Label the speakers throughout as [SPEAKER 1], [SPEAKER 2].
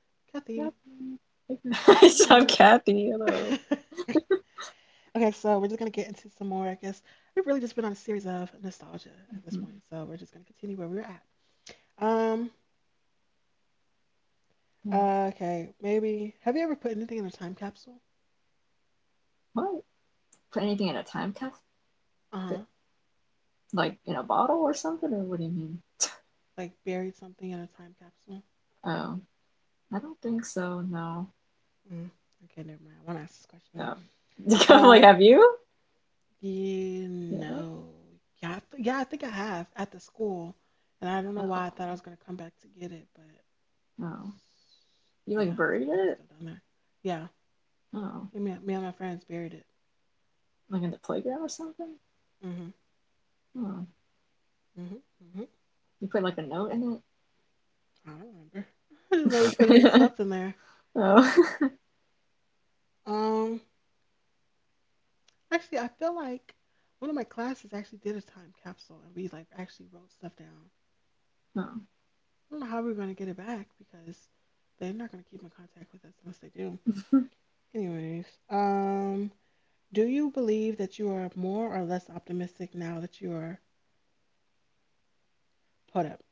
[SPEAKER 1] Kathy.
[SPEAKER 2] Mm.
[SPEAKER 1] It's I'm Kathy. Hello.
[SPEAKER 2] Okay, so we're just gonna get into some more. I guess we've really just been on a series of nostalgia at this point, so we're just gonna continue where we were at. Um, okay, maybe have you ever put anything in a time capsule?
[SPEAKER 1] What? Put anything in a time capsule?
[SPEAKER 2] Uh
[SPEAKER 1] Put,
[SPEAKER 2] huh.
[SPEAKER 1] like in a bottle or something? Or what do you mean?
[SPEAKER 2] Like buried something in a time capsule.
[SPEAKER 1] Oh, I don't think so. No.
[SPEAKER 2] Mm. Okay, never mind. I want to ask this question.
[SPEAKER 1] Oh. I'm like,
[SPEAKER 2] Um,
[SPEAKER 1] have you?
[SPEAKER 2] You
[SPEAKER 1] Yeah.
[SPEAKER 2] know, yeah, yeah, I think I have at the school, and I don't know
[SPEAKER 1] Oh.
[SPEAKER 2] why I thought I was gonna come back to get it, but
[SPEAKER 1] Oh. You like
[SPEAKER 2] yeah, it's
[SPEAKER 1] buried
[SPEAKER 2] probably
[SPEAKER 1] it?
[SPEAKER 2] still down there. Yeah,
[SPEAKER 1] Oh.
[SPEAKER 2] and me and my friends buried it.
[SPEAKER 1] Like in the playground or something?
[SPEAKER 2] Mhm,
[SPEAKER 1] Oh.
[SPEAKER 2] mhm, mhm.
[SPEAKER 1] You put like a note
[SPEAKER 2] I, I don't remember. I just know we
[SPEAKER 1] in it?
[SPEAKER 2] stuff in there.
[SPEAKER 1] oh.
[SPEAKER 2] Um, Actually, I feel like one of my classes actually did a time capsule, and we like actually wrote stuff down. I don't know how we're gonna get it back because they're not gonna keep in contact with us unless they do. Anyways, Do you believe that you are more or less optimistic now that you are put up?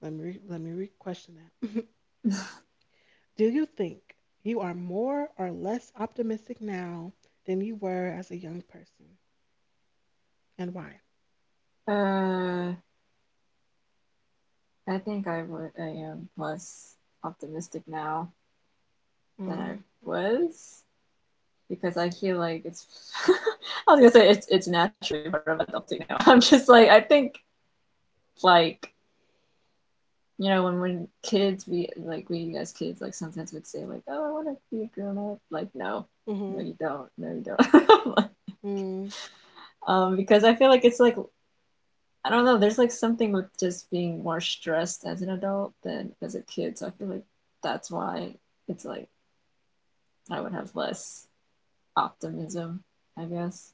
[SPEAKER 2] Let me re question that. Do you think you are more or less optimistic now than you were as a young person, and why?
[SPEAKER 1] oh. uh. I think I would. I am less optimistic now than I
[SPEAKER 2] Mm,
[SPEAKER 1] was because I feel like it's. I was gonna say it's naturally part of adulting now. I'm just like I think like you know when kids we like we as kids like sometimes would say like oh I want to be a grown up like no no
[SPEAKER 2] mhm,
[SPEAKER 1] you don't no you don't
[SPEAKER 2] mm,
[SPEAKER 1] because I feel like it's like I don't know there's like something with just being more stressed as an adult than as a kid so I feel like that's why it's like I would have less optimism, I guess.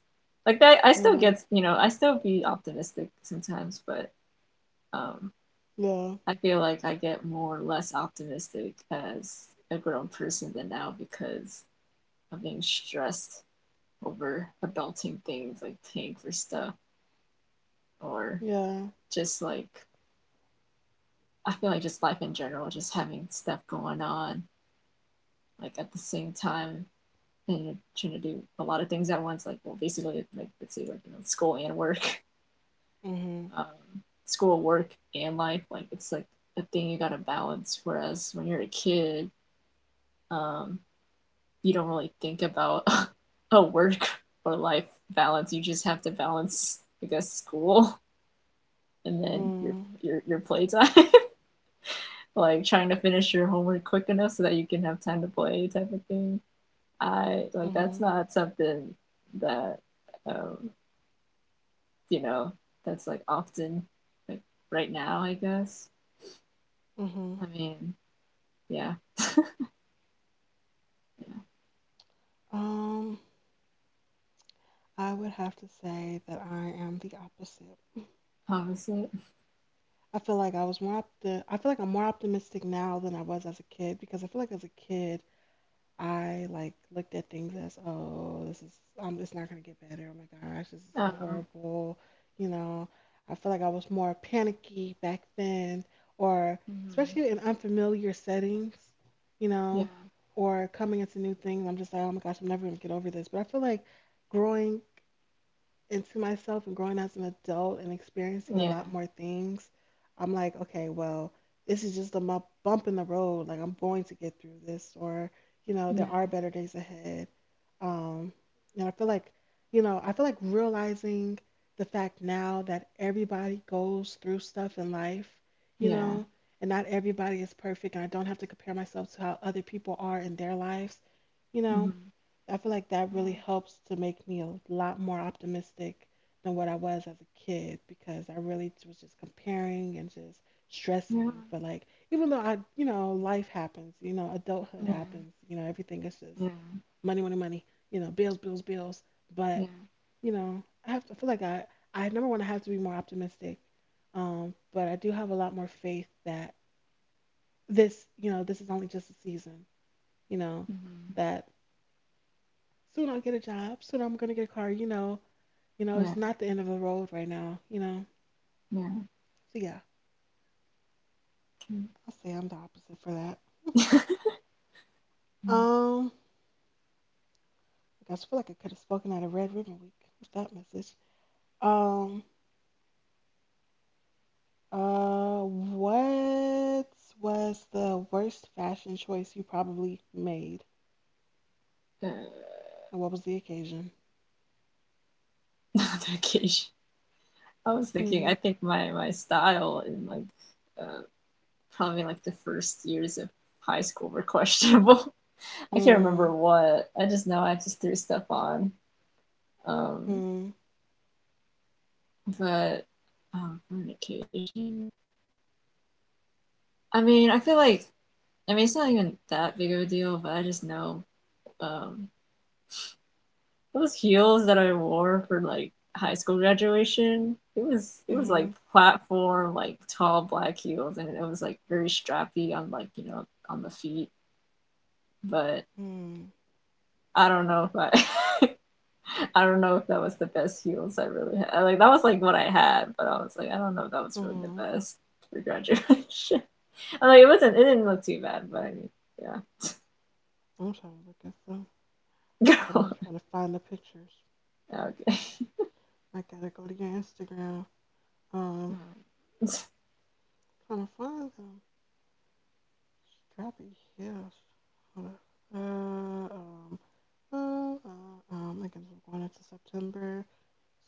[SPEAKER 1] Like that, I still
[SPEAKER 2] mm,
[SPEAKER 1] get, you know, I still be optimistic sometimes, but um,
[SPEAKER 2] yeah,
[SPEAKER 1] I feel like I get more or less optimistic as a grown person than now because of being stressed over adulting things like paying for stuff or
[SPEAKER 2] yeah,
[SPEAKER 1] just like I feel like just life in general, just having stuff going on like at the same time and you're trying to do a lot of things at once, like well basically like let's say like you know school and work
[SPEAKER 2] mhm,
[SPEAKER 1] um, school, work, and life. Like it's like a thing you gotta balance. Whereas when you're a kid, um, you don't really think about a work or life balance. You just have to balance, I guess, school and then your
[SPEAKER 2] mm,
[SPEAKER 1] your playtime. like trying to finish your homework quick enough so that you can have time to play type of thing. I like that's
[SPEAKER 2] mhm,
[SPEAKER 1] not something that um, you know that's like often like right now. I guess.
[SPEAKER 2] mhm.
[SPEAKER 1] I mean, yeah.
[SPEAKER 2] Um, I would have to say that I am the opposite.
[SPEAKER 1] How is it?
[SPEAKER 2] I feel like I feel like I'm more optimistic now than I was as a kid because I feel like as a kid I like looked at things as, oh, this is it's not gonna get better. Oh my gosh, this is so
[SPEAKER 1] Oh,
[SPEAKER 2] horrible. You know, I feel like I was more panicky back then, or
[SPEAKER 1] hmm,
[SPEAKER 2] especially in unfamiliar settings. You
[SPEAKER 1] yeah,
[SPEAKER 2] know, or coming into new things, I'm just like, oh my gosh, I'm never gonna get over this. But I feel like growing into myself and growing as an adult and experiencing a
[SPEAKER 1] yeah,
[SPEAKER 2] lot more things, I'm like, okay, well, this is just a bump in the road. Like, I'm going to get through this, or, you know,
[SPEAKER 1] yeah,
[SPEAKER 2] there are better days ahead. Um, and I feel like, you know, I feel like realizing the fact now that everybody goes through stuff in life, you
[SPEAKER 1] yeah,
[SPEAKER 2] know, and not everybody is perfect, and I don't have to compare myself to how other people are in their lives, you know,
[SPEAKER 1] hmm,
[SPEAKER 2] I feel like that really
[SPEAKER 1] yeah,
[SPEAKER 2] helps to make me a lot more optimistic than what I was as a kid because was just comparing and just stressing. But like, even though I, you know, life happens, you know, adulthood
[SPEAKER 1] yeah,
[SPEAKER 2] happens, you know, everything is
[SPEAKER 1] yeah,
[SPEAKER 2] just
[SPEAKER 1] yeah,
[SPEAKER 2] money, money, money, you know, bills, bills, bills.
[SPEAKER 1] yeah,
[SPEAKER 2] But you know, I have to I feel like I never want to have to be more optimistic. But I do have a lot more faith that this, you know, this is only just a season, you know,
[SPEAKER 1] hmm,
[SPEAKER 2] that soon I'll get a job. Soon I'm gonna get a car. You know,
[SPEAKER 1] yeah,
[SPEAKER 2] it's not the end of the road right now. You know,
[SPEAKER 1] yeah.
[SPEAKER 2] so yeah,
[SPEAKER 1] Okay.
[SPEAKER 2] I'll say I'm the opposite for that.
[SPEAKER 1] Yeah.
[SPEAKER 2] Um, I guess I feel like I could have spoken at a Red Ribbon Week with that message. Um, what was the worst fashion choice you probably made,
[SPEAKER 1] Uh,
[SPEAKER 2] and what was the occasion?
[SPEAKER 1] not vacation. I was thinking. I
[SPEAKER 2] Hmm.
[SPEAKER 1] think my my style in like uh, probably like the first years of high school were questionable. I can't remember
[SPEAKER 2] Hmm.
[SPEAKER 1] what. I just know I just threw stuff on. Um,
[SPEAKER 2] Hmm.
[SPEAKER 1] but for an occasion. I mean, I feel like I mean, it's not even that big of a deal, but I just know um, those heels that I wore for like high school graduation. It was
[SPEAKER 2] Hmm.
[SPEAKER 1] like platform, like tall black heels, and it was like very strappy on like you know on the feet. But
[SPEAKER 2] Hmm.
[SPEAKER 1] I don't know if I I don't know if that was the best heels I really had. Like that was like what I had, but I was like I don't know if that was really the
[SPEAKER 2] Hmm.
[SPEAKER 1] best for graduation. I'm like it wasn't it didn't look too bad, but I mean
[SPEAKER 2] I'm trying to look at some.
[SPEAKER 1] yeah.
[SPEAKER 2] I'm trying to find the pictures.
[SPEAKER 1] okay.
[SPEAKER 2] I gotta go to your Instagram. Um, Trying to find them. Drop it here. Hold up. Uh, um, uh, uh, I guess I'm going into September.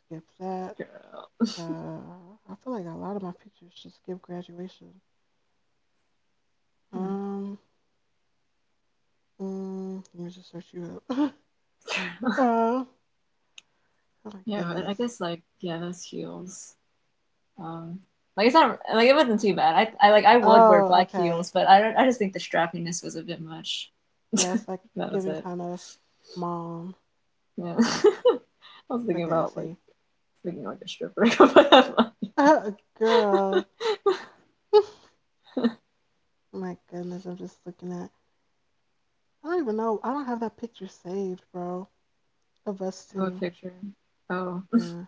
[SPEAKER 2] Skip that.
[SPEAKER 1] Girl.
[SPEAKER 2] Uh, I feel like a lot of my pictures just skip graduation. Um, Let me just search you up.
[SPEAKER 1] Yeah.
[SPEAKER 2] Oh my
[SPEAKER 1] Yeah, but I
[SPEAKER 2] goodness.
[SPEAKER 1] guess like yeah, those heels. Um, like it's not like it wasn't too bad. I like I would wear
[SPEAKER 2] Oh,
[SPEAKER 1] black
[SPEAKER 2] okay.
[SPEAKER 1] heels, but I don't. I just think the strappiness was a bit much.
[SPEAKER 2] Yeah, it's like
[SPEAKER 1] That was
[SPEAKER 2] giving
[SPEAKER 1] it.
[SPEAKER 2] kind of mom.
[SPEAKER 1] Yeah. I was thinking
[SPEAKER 2] Okay, I
[SPEAKER 1] about like
[SPEAKER 2] see.
[SPEAKER 1] thinking like a stripper
[SPEAKER 2] Girl. Oh my goodness, I'm just looking at. I don't even know. I don't have that picture saved, bro. Of us
[SPEAKER 1] Oh, a
[SPEAKER 2] too.
[SPEAKER 1] picture. Oh.
[SPEAKER 2] Yeah.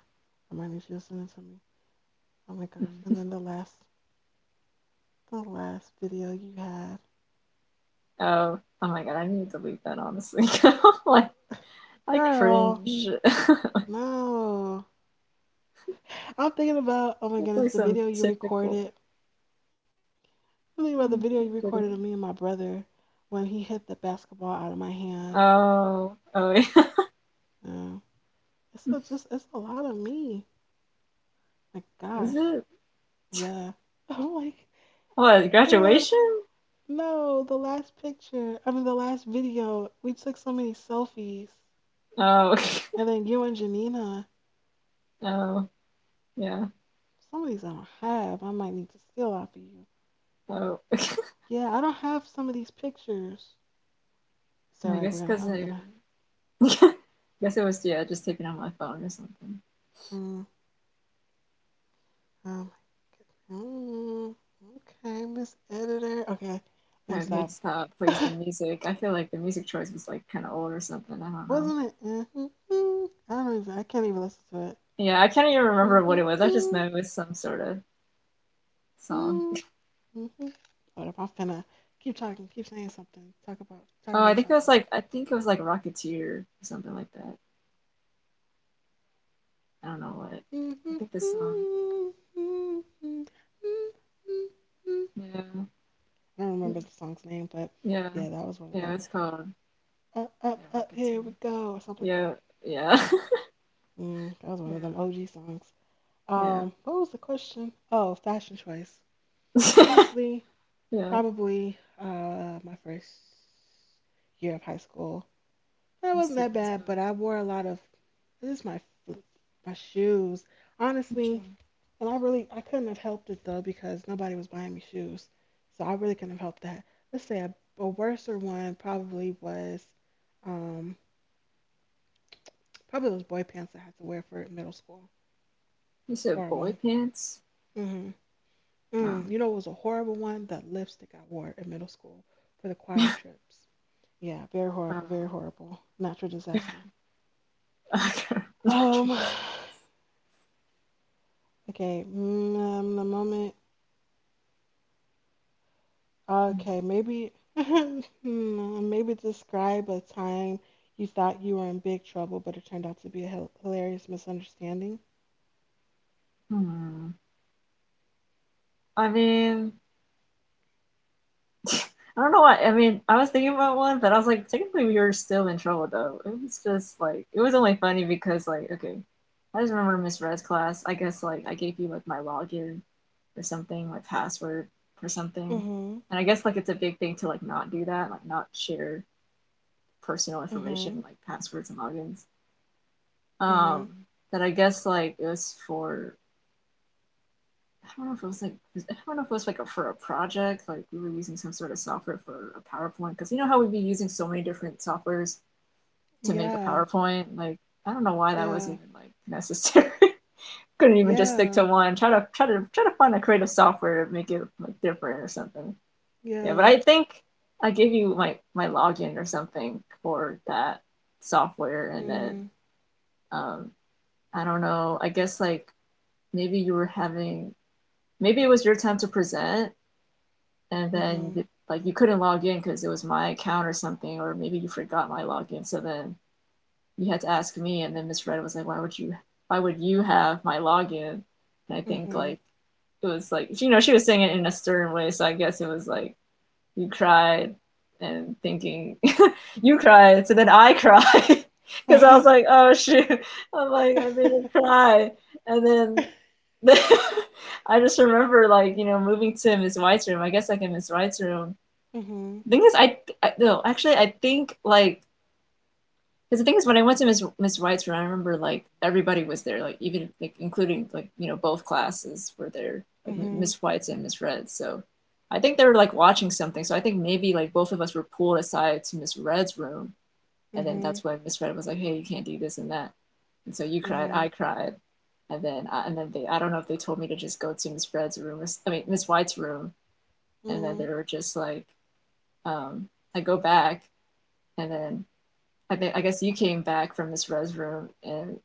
[SPEAKER 2] I might need you to send it to me. Oh my gosh.
[SPEAKER 1] Mm-hmm.
[SPEAKER 2] And then the last video you had.
[SPEAKER 1] Oh. Oh my god, I need to delete that honestly. Like I
[SPEAKER 2] Girl,
[SPEAKER 1] cringe.
[SPEAKER 2] no. I'm thinking about oh my
[SPEAKER 1] It's
[SPEAKER 2] goodness,
[SPEAKER 1] like
[SPEAKER 2] the
[SPEAKER 1] some
[SPEAKER 2] video you
[SPEAKER 1] typical
[SPEAKER 2] recorded. I'm thinking about the video you
[SPEAKER 1] video.
[SPEAKER 2] recorded of me and my brother when he hit the basketball out of my hand.
[SPEAKER 1] Oh, oh, yeah.
[SPEAKER 2] Yeah. It's just it's a lot of me. My
[SPEAKER 1] Is
[SPEAKER 2] gosh.
[SPEAKER 1] it
[SPEAKER 2] Yeah. I'm like
[SPEAKER 1] what
[SPEAKER 2] it's a lot of,
[SPEAKER 1] graduation?
[SPEAKER 2] no, the last picture. I mean the last video. We took so many selfies.
[SPEAKER 1] Oh,
[SPEAKER 2] And then you and Janina.
[SPEAKER 1] oh, yeah.
[SPEAKER 2] For some reason I don't have. I might need to steal off of you.
[SPEAKER 1] Oh,
[SPEAKER 2] Yeah, I don't have some of these pictures. It's all
[SPEAKER 1] I
[SPEAKER 2] right.
[SPEAKER 1] guess
[SPEAKER 2] We're gonna.
[SPEAKER 1] because
[SPEAKER 2] I'm
[SPEAKER 1] I,
[SPEAKER 2] gonna.
[SPEAKER 1] guess it was yeah, just taken on my phone or something.
[SPEAKER 2] Mm, um, mm, okay, Miss Editor. Okay, let me
[SPEAKER 1] Okay,
[SPEAKER 2] stop.
[SPEAKER 1] stop. Please, the music. I feel like the music choice was like kind of old or something. I don't know.
[SPEAKER 2] Wasn't it? Mhm, I don't even. I can't even listen to it.
[SPEAKER 1] Yeah, I can't even remember what
[SPEAKER 2] Mhm,
[SPEAKER 1] it was. I just know it
[SPEAKER 2] mm
[SPEAKER 1] was some sort of song.
[SPEAKER 2] mm mm-hmm. Hold up. I'm finna keep talking. Keep saying something. Talk about. Talk
[SPEAKER 1] Oh, I
[SPEAKER 2] about
[SPEAKER 1] think it was
[SPEAKER 2] chocolate.
[SPEAKER 1] like I think it was like Rocketeer or something like that. I don't know what.
[SPEAKER 2] Mhm,
[SPEAKER 1] I
[SPEAKER 2] mm
[SPEAKER 1] think the song.
[SPEAKER 2] mm mm mm mm mm,
[SPEAKER 1] Yeah,
[SPEAKER 2] I don't
[SPEAKER 1] yeah,
[SPEAKER 2] remember the song's name, but
[SPEAKER 1] yeah.
[SPEAKER 2] yeah, that was one of
[SPEAKER 1] Yeah,
[SPEAKER 2] them.
[SPEAKER 1] it's called
[SPEAKER 2] Up, up,
[SPEAKER 1] Yeah,
[SPEAKER 2] up, here we
[SPEAKER 1] marketing.
[SPEAKER 2] go, or something like
[SPEAKER 1] Yeah,
[SPEAKER 2] that.
[SPEAKER 1] yeah,
[SPEAKER 2] Mm, that was one
[SPEAKER 1] yeah,
[SPEAKER 2] of them OG songs. What was the question? Oh, fashion choice.
[SPEAKER 1] yeah,
[SPEAKER 2] Honestly,
[SPEAKER 1] yeah.
[SPEAKER 2] probably my first year of high school. That
[SPEAKER 1] Let's
[SPEAKER 2] wasn't
[SPEAKER 1] see
[SPEAKER 2] that
[SPEAKER 1] where it's
[SPEAKER 2] bad, but
[SPEAKER 1] going.
[SPEAKER 2] I wore a lot of. This is f- my shoes. Honestly,
[SPEAKER 1] Fashion.
[SPEAKER 2] and I really I couldn't have helped it though because nobody was buying me shoes. So I really couldn't have helped that. Let's say a worser one probably was um probably those boy pants I had to wear for middle school.
[SPEAKER 1] You said boy
[SPEAKER 2] Horrible.
[SPEAKER 1] pants?
[SPEAKER 2] Mhm.
[SPEAKER 1] Oh,
[SPEAKER 2] Mm. You know it was a horrible one? The lipstick I wore in middle school for the choir trips. Yeah, very horrible, very
[SPEAKER 1] oh.
[SPEAKER 2] horrible. Natural disaster.
[SPEAKER 1] I can't- I
[SPEAKER 2] Um
[SPEAKER 1] can
[SPEAKER 2] okay, mm, the moment Okay, maybe hmm, maybe describe a time you thought you were in big trouble, but it turned out to be a hilarious misunderstanding.
[SPEAKER 1] Hmm. I mean, I don't know why. I mean, I was thinking about one, but I was like, technically, we were still in trouble though. It was just like it was only funny because like okay, I just remember Miss Red's class. I guess like I gave you like my login or something, my password or something,
[SPEAKER 2] Mhm.
[SPEAKER 1] and I guess like it's a big thing to like not do that, like not share personal
[SPEAKER 2] Mhm.
[SPEAKER 1] information like passwords and logins. Um,
[SPEAKER 2] Mhm.
[SPEAKER 1] that I guess like it was for I don't know if it was like I don't know if it was like a, for a project, like we were using some sort of software for a PowerPoint because you know how we'd be using so many different softwares to make a
[SPEAKER 2] Yeah.
[SPEAKER 1] PowerPoint. Like I don't know why that was
[SPEAKER 2] Yeah.
[SPEAKER 1] even like necessary. Couldn't even just stick
[SPEAKER 2] Yeah.
[SPEAKER 1] to one. Try to try to find a creative software to make it like different or something. Yeah, but
[SPEAKER 2] Yeah.
[SPEAKER 1] I think I gave you my my login or something for that software, and then
[SPEAKER 2] Mm.
[SPEAKER 1] um, I don't know. I guess like maybe you were having maybe it was your time to present and then
[SPEAKER 2] Mhm.
[SPEAKER 1] like you couldn't log in because it was my account or something, or maybe you forgot my login. So then you had to ask me, and then Miss Red was like, "Why would you? Why would you have my login?" And I think
[SPEAKER 2] Mhm.
[SPEAKER 1] like it was like you know she was saying it in a stern way, so I guess it was like you cried and thinking you cried, so then I cried because I
[SPEAKER 2] Mhm.
[SPEAKER 1] was like, "Oh shoot!" I'm like I made her cry, and then. I just remember, like, you know, moving to Miss White's room. I guess, like, in Miss White's room,
[SPEAKER 2] Mhm.
[SPEAKER 1] the thing is, I no, actually, I think like because the thing is, when I went to Miss Wright's room, I remember like everybody was there, like even like including like you know both classes were there, like
[SPEAKER 2] Mhm.
[SPEAKER 1] Miss White's and Miss Red's. So I think they were like watching something. So I think maybe like both of us were pulled aside to Miss Red's room, and then
[SPEAKER 2] Mhm.
[SPEAKER 1] that's when Miss Red was like, "Hey, you can't do this and that," and so you cried, I
[SPEAKER 2] Mhm.
[SPEAKER 1] cried, and then they I don't know if they told me to just go to Miss Red's room, Miss- I mean Miss White's room, and then they
[SPEAKER 2] Mm.
[SPEAKER 1] were just like, um, I go back, and then I guess you came back from this res room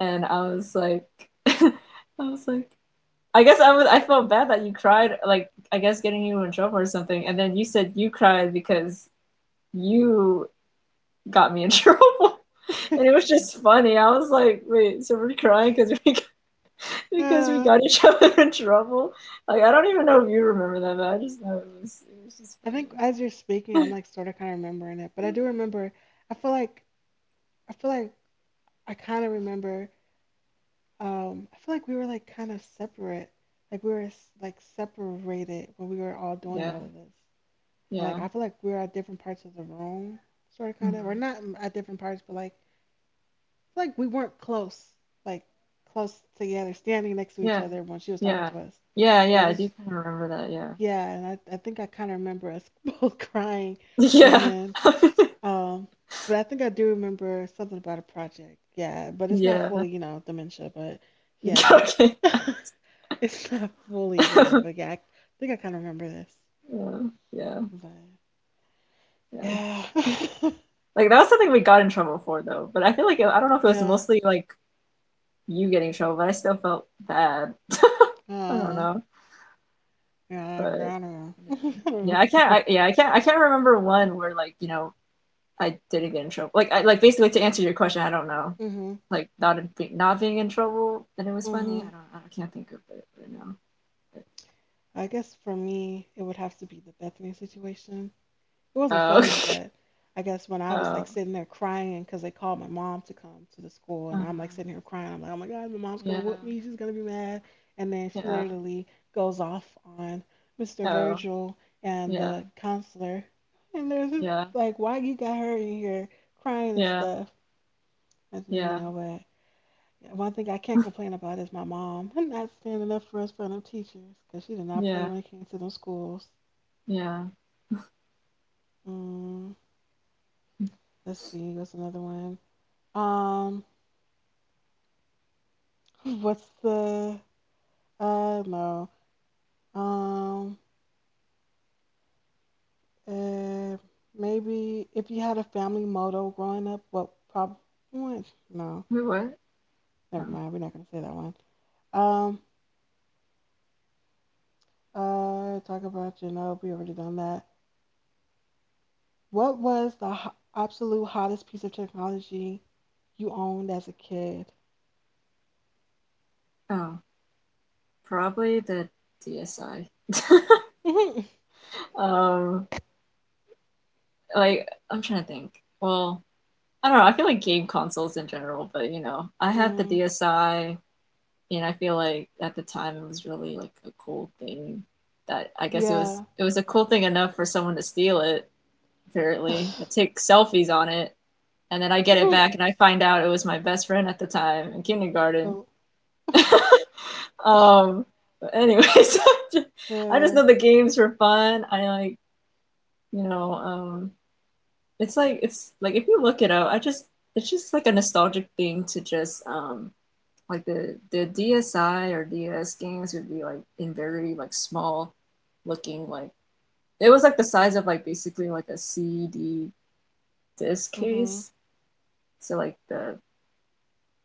[SPEAKER 1] and I was like I was like I guess I was I felt bad that you cried like I guess getting you in trouble or something and then you said you cried because you got me in trouble and it was just funny I was like wait so we're crying because we because we
[SPEAKER 2] Uh,
[SPEAKER 1] got each other in trouble like I don't even know if you remember that but I just know it was just
[SPEAKER 2] I think
[SPEAKER 1] funny
[SPEAKER 2] as you're speaking, I'm like sort of kind of remembering it, but I do remember. I feel like I feel like I kind of remember. I feel like we were like kind of separate. Like we were like separated when we were all doing
[SPEAKER 1] yeah,
[SPEAKER 2] all of this. And
[SPEAKER 1] yeah,
[SPEAKER 2] like I feel like we were at different parts of the room, sort of, kind of,
[SPEAKER 1] mm-hmm.
[SPEAKER 2] or not at different parts, but like I feel like we weren't close, like close together, standing next to each
[SPEAKER 1] Yeah.
[SPEAKER 2] other when she was talking
[SPEAKER 1] Yeah.
[SPEAKER 2] to us.
[SPEAKER 1] Yeah,
[SPEAKER 2] But I
[SPEAKER 1] yeah, I do
[SPEAKER 2] just,
[SPEAKER 1] kind of remember that, yeah.
[SPEAKER 2] yeah, and I think I kind of remember us both crying, and
[SPEAKER 1] Yeah.
[SPEAKER 2] then Um, but I think I do remember something about a project. Yeah, but it's not
[SPEAKER 1] Yeah.
[SPEAKER 2] fully, you know, dementia, but yeah.
[SPEAKER 1] Okay.
[SPEAKER 2] It's not fully there, but yeah, I think I kind of remember this.
[SPEAKER 1] Yeah, yeah,
[SPEAKER 2] But
[SPEAKER 1] yeah.
[SPEAKER 2] yeah.
[SPEAKER 1] Like that was something we got in trouble for though, but I feel like I don't know if it was
[SPEAKER 2] Yeah.
[SPEAKER 1] mostly like you getting in trouble, but I still felt bad. I don't
[SPEAKER 2] Uh,
[SPEAKER 1] know,
[SPEAKER 2] yeah, girl,
[SPEAKER 1] but
[SPEAKER 2] I don't know.
[SPEAKER 1] yeah,
[SPEAKER 2] I
[SPEAKER 1] yeah.
[SPEAKER 2] don't
[SPEAKER 1] I can't.
[SPEAKER 2] remember.
[SPEAKER 1] Yeah, I can't. I can't remember one where like you know I didn't get in trouble. Like I like basically to answer your question, I don't know.
[SPEAKER 2] Mhm.
[SPEAKER 1] Like not not being in trouble and it was funny. I
[SPEAKER 2] Mhm.
[SPEAKER 1] don't. I can't think of it right now.
[SPEAKER 2] I guess for me, it would have to be the Bethany situation. It wasn't
[SPEAKER 1] Oh,
[SPEAKER 2] funny, but I guess when I was like
[SPEAKER 1] oh,
[SPEAKER 2] sitting there crying because they called my mom to come to the school, and I'm like
[SPEAKER 1] uh,
[SPEAKER 2] sitting here crying. I'm like, oh my God, my mom's going to
[SPEAKER 1] yeah,
[SPEAKER 2] whoop me. She's going to be mad. And then she
[SPEAKER 1] yeah,
[SPEAKER 2] literally goes off on Mr.
[SPEAKER 1] oh,
[SPEAKER 2] Virgil and
[SPEAKER 1] yeah,
[SPEAKER 2] the counselor. And there's just
[SPEAKER 1] yeah,
[SPEAKER 2] like, why you got her in here crying and
[SPEAKER 1] yeah,
[SPEAKER 2] stuff? And, then, you
[SPEAKER 1] yeah,
[SPEAKER 2] know, but yeah, one thing I can't complain about is my mom not standing up for us for them teachers because she did not play
[SPEAKER 1] yeah,
[SPEAKER 2] when it came to them schools.
[SPEAKER 1] yeah.
[SPEAKER 2] Mm, let's see, what's another one? Um, What's the I know. Um, uh, Maybe if you had a family motto growing up, what probably no,
[SPEAKER 1] Wait, what? Oh,
[SPEAKER 2] never mind. We're not gonna say that one. Um, Talk about Genova. We already done that. What was the absolute hottest piece of technology you owned as a kid?
[SPEAKER 1] oh, probably the DSi. Um, like I'm trying to think. Well, I don't know. I feel like game consoles in general, but you know, I had the
[SPEAKER 2] Mm,
[SPEAKER 1] DSi, and I feel like at the time it was really like a cool thing. That I guess it was
[SPEAKER 2] yeah.
[SPEAKER 1] it was a cool thing enough for someone to steal it. Apparently, and take selfies on it and then I get it back and I find out it was my best friend at the time in kindergarten.
[SPEAKER 2] Oh.
[SPEAKER 1] um, but anyways, I just
[SPEAKER 2] Yeah.
[SPEAKER 1] know the games were fun. I like, you know um, it's like if you look it up, I just it's just like a nostalgic thing to just like the DSI or DS games would be like in very like small looking like it was like the size of like basically like a CD disc
[SPEAKER 2] Mhm.
[SPEAKER 1] case. So like the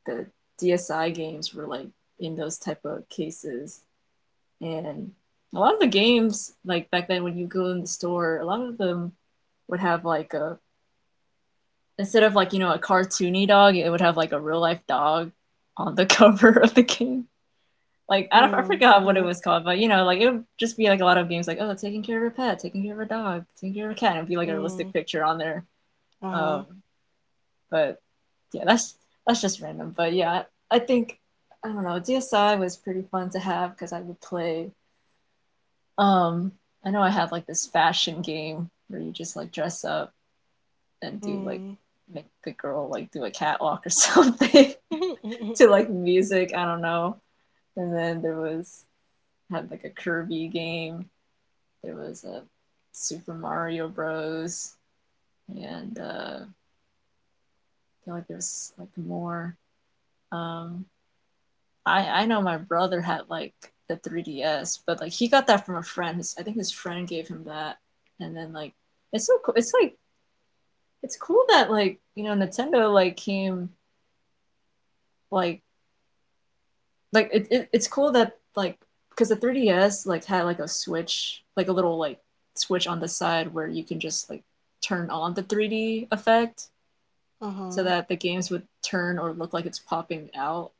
[SPEAKER 1] the DSI games were like in those type of cases. And a lot of the games, like back then when you go in the store, a lot of them would have like a, instead of like, you know, a cartoony dog, it would have like a real life dog on the cover of the game. Like I, don't, I
[SPEAKER 2] Mm.
[SPEAKER 1] forgot what it
[SPEAKER 2] Mhm.
[SPEAKER 1] was called, but you know, like it would just be like a lot of games, like, oh, taking care of a pet, taking care of a dog, taking care of a cat, and it'd be like a realistic
[SPEAKER 2] Mm.
[SPEAKER 1] picture on there.
[SPEAKER 2] Uh
[SPEAKER 1] Um,
[SPEAKER 2] huh.
[SPEAKER 1] But yeah, that's just random. But yeah, I think I don't know. DSI was pretty fun to have because I would play. Um, I know I had like this fashion game where you just like dress up and do like
[SPEAKER 2] Hmm.
[SPEAKER 1] make the girl like do a catwalk or something to like music. I don't know. And then there was had like a Kirby game. There was a Super Mario Bros. And I feel like there was like more. Um, I know my brother had like the 3DS, but like he got that from a friend. His, I think his friend gave him that, and then like it's so cool. It's like it's cool that like you know Nintendo like came like like it's cool that like because the 3DS like had like a switch, like a little like switch on the side where you can just like turn on the 3D effect so
[SPEAKER 2] Uh-huh.
[SPEAKER 1] that the games would turn or look like it's popping out.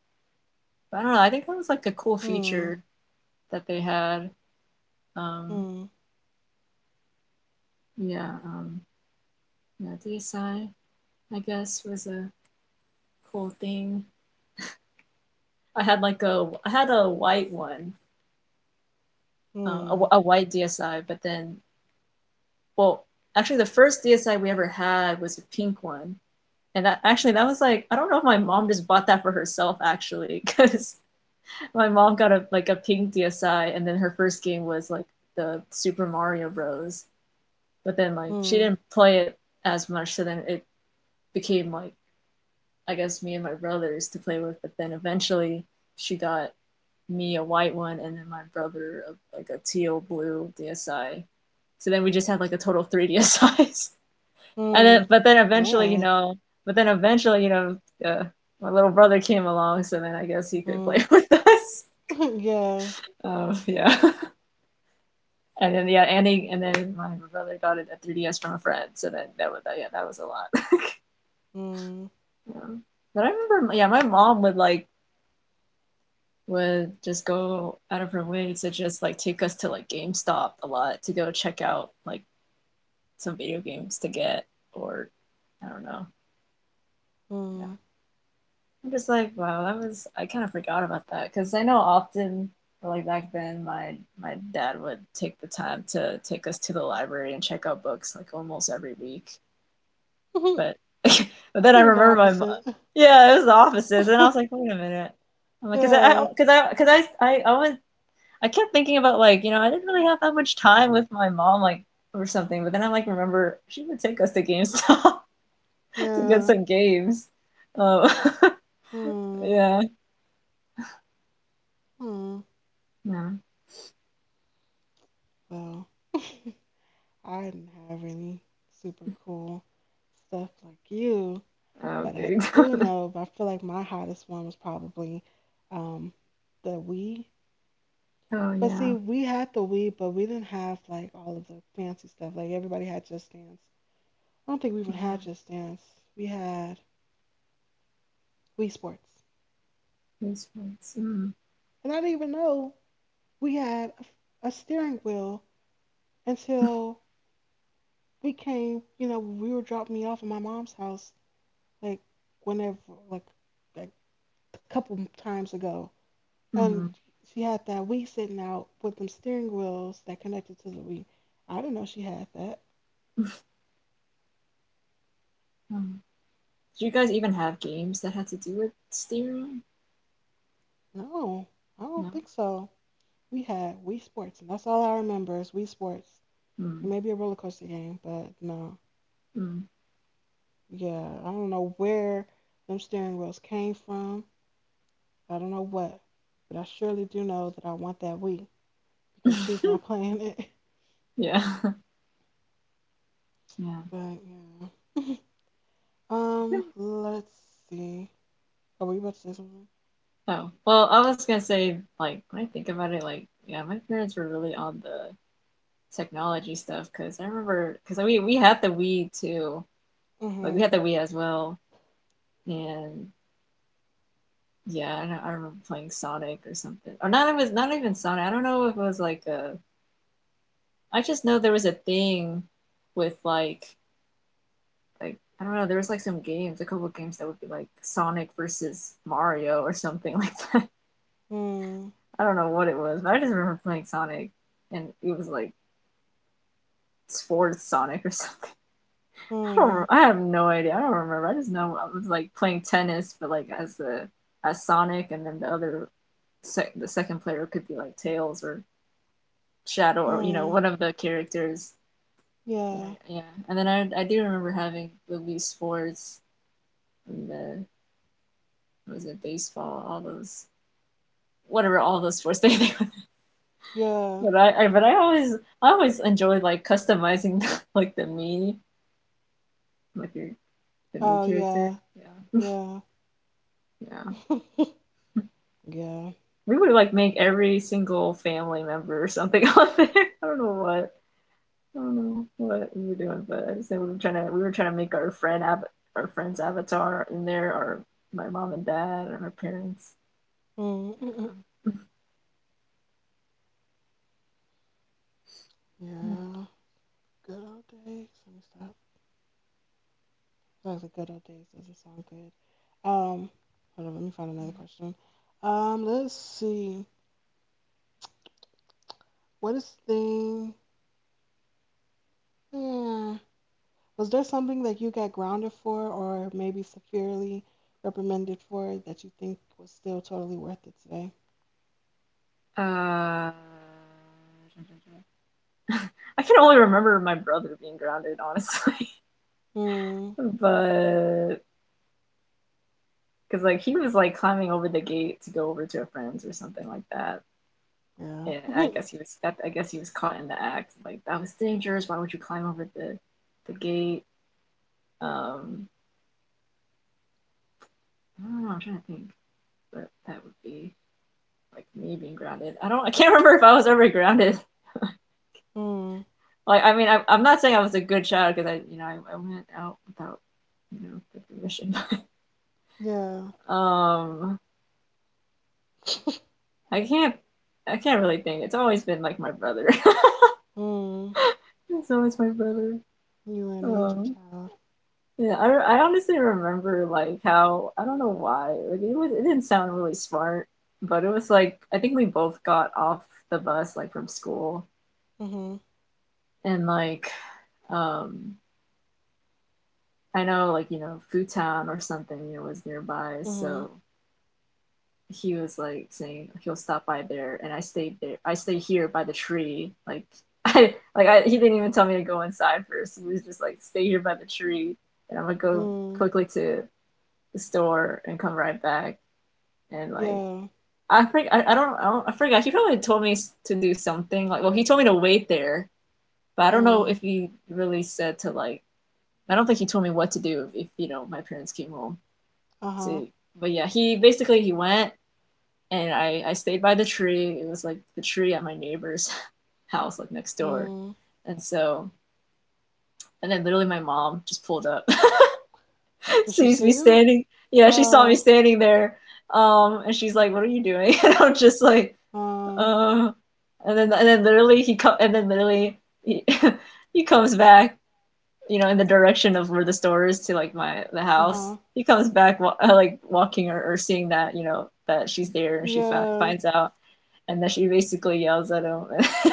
[SPEAKER 1] But I don't know. I think that was like a cool
[SPEAKER 2] Hmm.
[SPEAKER 1] feature that they had. Um,
[SPEAKER 2] Hmm.
[SPEAKER 1] Yeah, um, yeah, DSi, I guess, was a cool thing. I had like a, I had a white one, a,
[SPEAKER 2] Hmm.
[SPEAKER 1] a white DSi, but then, well, actually, the first DSi we ever had was a pink one, and that, actually, that was like, I don't know if my mom just bought that for herself actually, because my mom got a, like a pink DSi, and then her first game was like the Super Mario Bros. But then like she
[SPEAKER 2] Hmm.
[SPEAKER 1] didn't play it as much, so then it became like, I guess, me and my brothers to play with, but then eventually she got me a white one and then my brother a, like a teal blue DSi. So then we just had like a total of three DSIs. And
[SPEAKER 2] Hmm.
[SPEAKER 1] then, but then eventually, you
[SPEAKER 2] Man.
[SPEAKER 1] know, but then eventually, you know, uh, my little brother came along, so then I guess he could play
[SPEAKER 2] Hmm.
[SPEAKER 1] with us.
[SPEAKER 2] Yeah.
[SPEAKER 1] Yeah. And then yeah, and then my brother got it at 3DS from a friend. So then that was, yeah, that was a lot.
[SPEAKER 2] Hmm.
[SPEAKER 1] Yeah. But I remember, yeah, my mom would like would just go out of her way to just like take us to like GameStop a lot to go check out like some video games to get, or I don't know. Yeah.
[SPEAKER 2] Hmm.
[SPEAKER 1] I'm just like, wow, that was, I kind of forgot about that cuz I know often like back then my dad would take the time to take us to the library and check out books like almost every week. But but then I
[SPEAKER 2] The
[SPEAKER 1] remember my mom.
[SPEAKER 2] opposite.
[SPEAKER 1] Yeah, it was the offices and I was like, wait a minute. I'm like, cause I-
[SPEAKER 2] Yeah.
[SPEAKER 1] cause I, cause I went I kept thinking about like, you know, I didn't really have that much time with my mom, like, or something. But then I, like, remember she would take us to GameStop to get
[SPEAKER 2] Yeah.
[SPEAKER 1] some games. Oh,
[SPEAKER 2] Hmm.
[SPEAKER 1] yeah.
[SPEAKER 2] Hmm.
[SPEAKER 1] Yeah.
[SPEAKER 2] Well, I didn't have any super cool stuff like you, but I
[SPEAKER 1] Okay.
[SPEAKER 2] do know, I feel like my hottest one was probably um, the Wii.
[SPEAKER 1] Oh
[SPEAKER 2] But see,
[SPEAKER 1] yeah.
[SPEAKER 2] we had the Wii, but we didn't have like all of the fancy stuff. Like everybody had Just Dance. I don't think we even had
[SPEAKER 1] Mm-hmm.
[SPEAKER 2] Just Dance. We had Wii Sports,
[SPEAKER 1] These ones. Mm.
[SPEAKER 2] and I didn't even know we had a steering wheel until we came. You know, we were dropping me off at my mom's house, like whenever, like like a couple times ago, and
[SPEAKER 1] Mm-hmm.
[SPEAKER 2] she had that Wii sitting out with them steering wheels that connected to the Wii. I didn't know she had that.
[SPEAKER 1] Mm. Did you guys even have games that had to do with steering?
[SPEAKER 2] No, I don't
[SPEAKER 1] No.
[SPEAKER 2] think so. We had Wii Sports, and that's all I remember is Wii Sports. It
[SPEAKER 1] Mm.
[SPEAKER 2] may be a roller coaster game, but no.
[SPEAKER 1] Mm.
[SPEAKER 2] Yeah, I don't know where them steering wheels came from. I don't know what, but I surely do know that I want that Wii because she's not playing it.
[SPEAKER 1] Yeah. Yeah.
[SPEAKER 2] But yeah. Let's see. Oh, were you about to say something?
[SPEAKER 1] Oh, well, I was gonna say, like, when I think about it, like, yeah, my parents were really on the technology stuff because I remember because we had the Wii too, like we
[SPEAKER 2] Mm-hmm.
[SPEAKER 1] had the Wii as well, and yeah, I, know, I remember playing Sonic or something, or not, it was not even Sonic. I don't know if it was like a. I just know there was a thing with like, I don't know. There was like some games, a couple games that would be like Sonic versus Mario or something like that.
[SPEAKER 2] Hmm.
[SPEAKER 1] I don't know what it was, but I just remember playing Sonic, and it was like sports Sonic or something. I
[SPEAKER 2] Hmm.
[SPEAKER 1] don't. I have no idea. I don't remember. I just know I was like playing tennis, but like as the, as Sonic, and then the other sec the second player could be like Tails or Shadow or, you know,
[SPEAKER 2] Hmm.
[SPEAKER 1] one of the characters. And I,
[SPEAKER 2] Yeah.
[SPEAKER 1] yeah, and then I do remember having the Wii Sports and the, what was it, baseball, all those, whatever, all those sports they
[SPEAKER 2] Yeah.
[SPEAKER 1] but I but I always, I always enjoyed like customizing like the me, like your, the me
[SPEAKER 2] Oh
[SPEAKER 1] character.
[SPEAKER 2] yeah.
[SPEAKER 1] Yeah,
[SPEAKER 2] Yeah.
[SPEAKER 1] yeah.
[SPEAKER 2] yeah.
[SPEAKER 1] We would like make every single family member or something on there. I don't know what. I don't know what we were doing, but I just know we were trying to, we were trying to make our friend our friend's avatar in there, or my mom and dad, or our parents.
[SPEAKER 2] Hmm. mm, mm, mm.
[SPEAKER 1] Yeah.
[SPEAKER 2] Yeah. Good old days. Let me stop. No, the good old days doesn't sound good. Um, Hold on. Let me find another question. Let's see. What is thing? Hmm. Was there something that you got grounded for, or maybe severely reprimanded for, that you think was still totally worth it today?
[SPEAKER 1] Uh, I can only remember my brother being grounded, honestly,
[SPEAKER 2] Hmm.
[SPEAKER 1] but because like he was like climbing over the gate to go over to a friend's or something like that.
[SPEAKER 2] Yeah.
[SPEAKER 1] Yeah, I guess he was, that I guess he was caught in the act. Like that was dangerous. Why would you climb over the gate? Um, I don't know. I'm trying to think, but that would be like me being grounded. I don't. I can't remember if I was ever grounded.
[SPEAKER 2] Hmm.
[SPEAKER 1] Like, I mean, I'm not saying I was a good child because I, you know, I went out without, you know, the permission.
[SPEAKER 2] Yeah.
[SPEAKER 1] um, I can't. I can't really think. It's always been like my brother.
[SPEAKER 2] Hmm.
[SPEAKER 1] It's always my brother.
[SPEAKER 2] You were an angel
[SPEAKER 1] Um,
[SPEAKER 2] child.
[SPEAKER 1] Yeah, I honestly remember like how, I don't know why, like it was, it didn't sound really smart, but it was like I think we both got off the bus like from school,
[SPEAKER 2] Mm-hmm.
[SPEAKER 1] and like um I know, like, you know, Futown or something, you know, was nearby,
[SPEAKER 2] Mm-hmm.
[SPEAKER 1] so he was like saying he'll stop by there, and I stayed there. I stay here by the tree, like I like, he didn't even tell me to go inside first. He was just like stay here by the tree, and I'm gonna go
[SPEAKER 2] Mm.
[SPEAKER 1] quickly to the store and come right back, and like
[SPEAKER 2] Yeah.
[SPEAKER 1] I forget, I don't I don't I forgot. He probably told me to do something, like, well, he told me to wait there, but I don't know
[SPEAKER 2] Mm.
[SPEAKER 1] if he really said to like, I don't think he told me what to do if, you know, my parents came home.
[SPEAKER 2] Uh-huh.
[SPEAKER 1] So but yeah, he basically he went, and I stayed by the tree. It was like the tree at my neighbor's house like next door,
[SPEAKER 2] Mm.
[SPEAKER 1] and so and then literally my mom just pulled up,
[SPEAKER 2] Did she
[SPEAKER 1] sees me
[SPEAKER 2] see you?
[SPEAKER 1] standing. Yeah, she saw me
[SPEAKER 2] Uh
[SPEAKER 1] standing there, and she's like, "What are you doing?" And I'm just like
[SPEAKER 2] uh,
[SPEAKER 1] Uh, and then literally he come and then literally he he comes back, you know, in the direction of where the store is to like my, the house.
[SPEAKER 2] uh-huh.
[SPEAKER 1] He comes back like walking or seeing that, you know, that she's there, and she
[SPEAKER 2] Yeah.
[SPEAKER 1] finds out, and then she basically yells at him, like,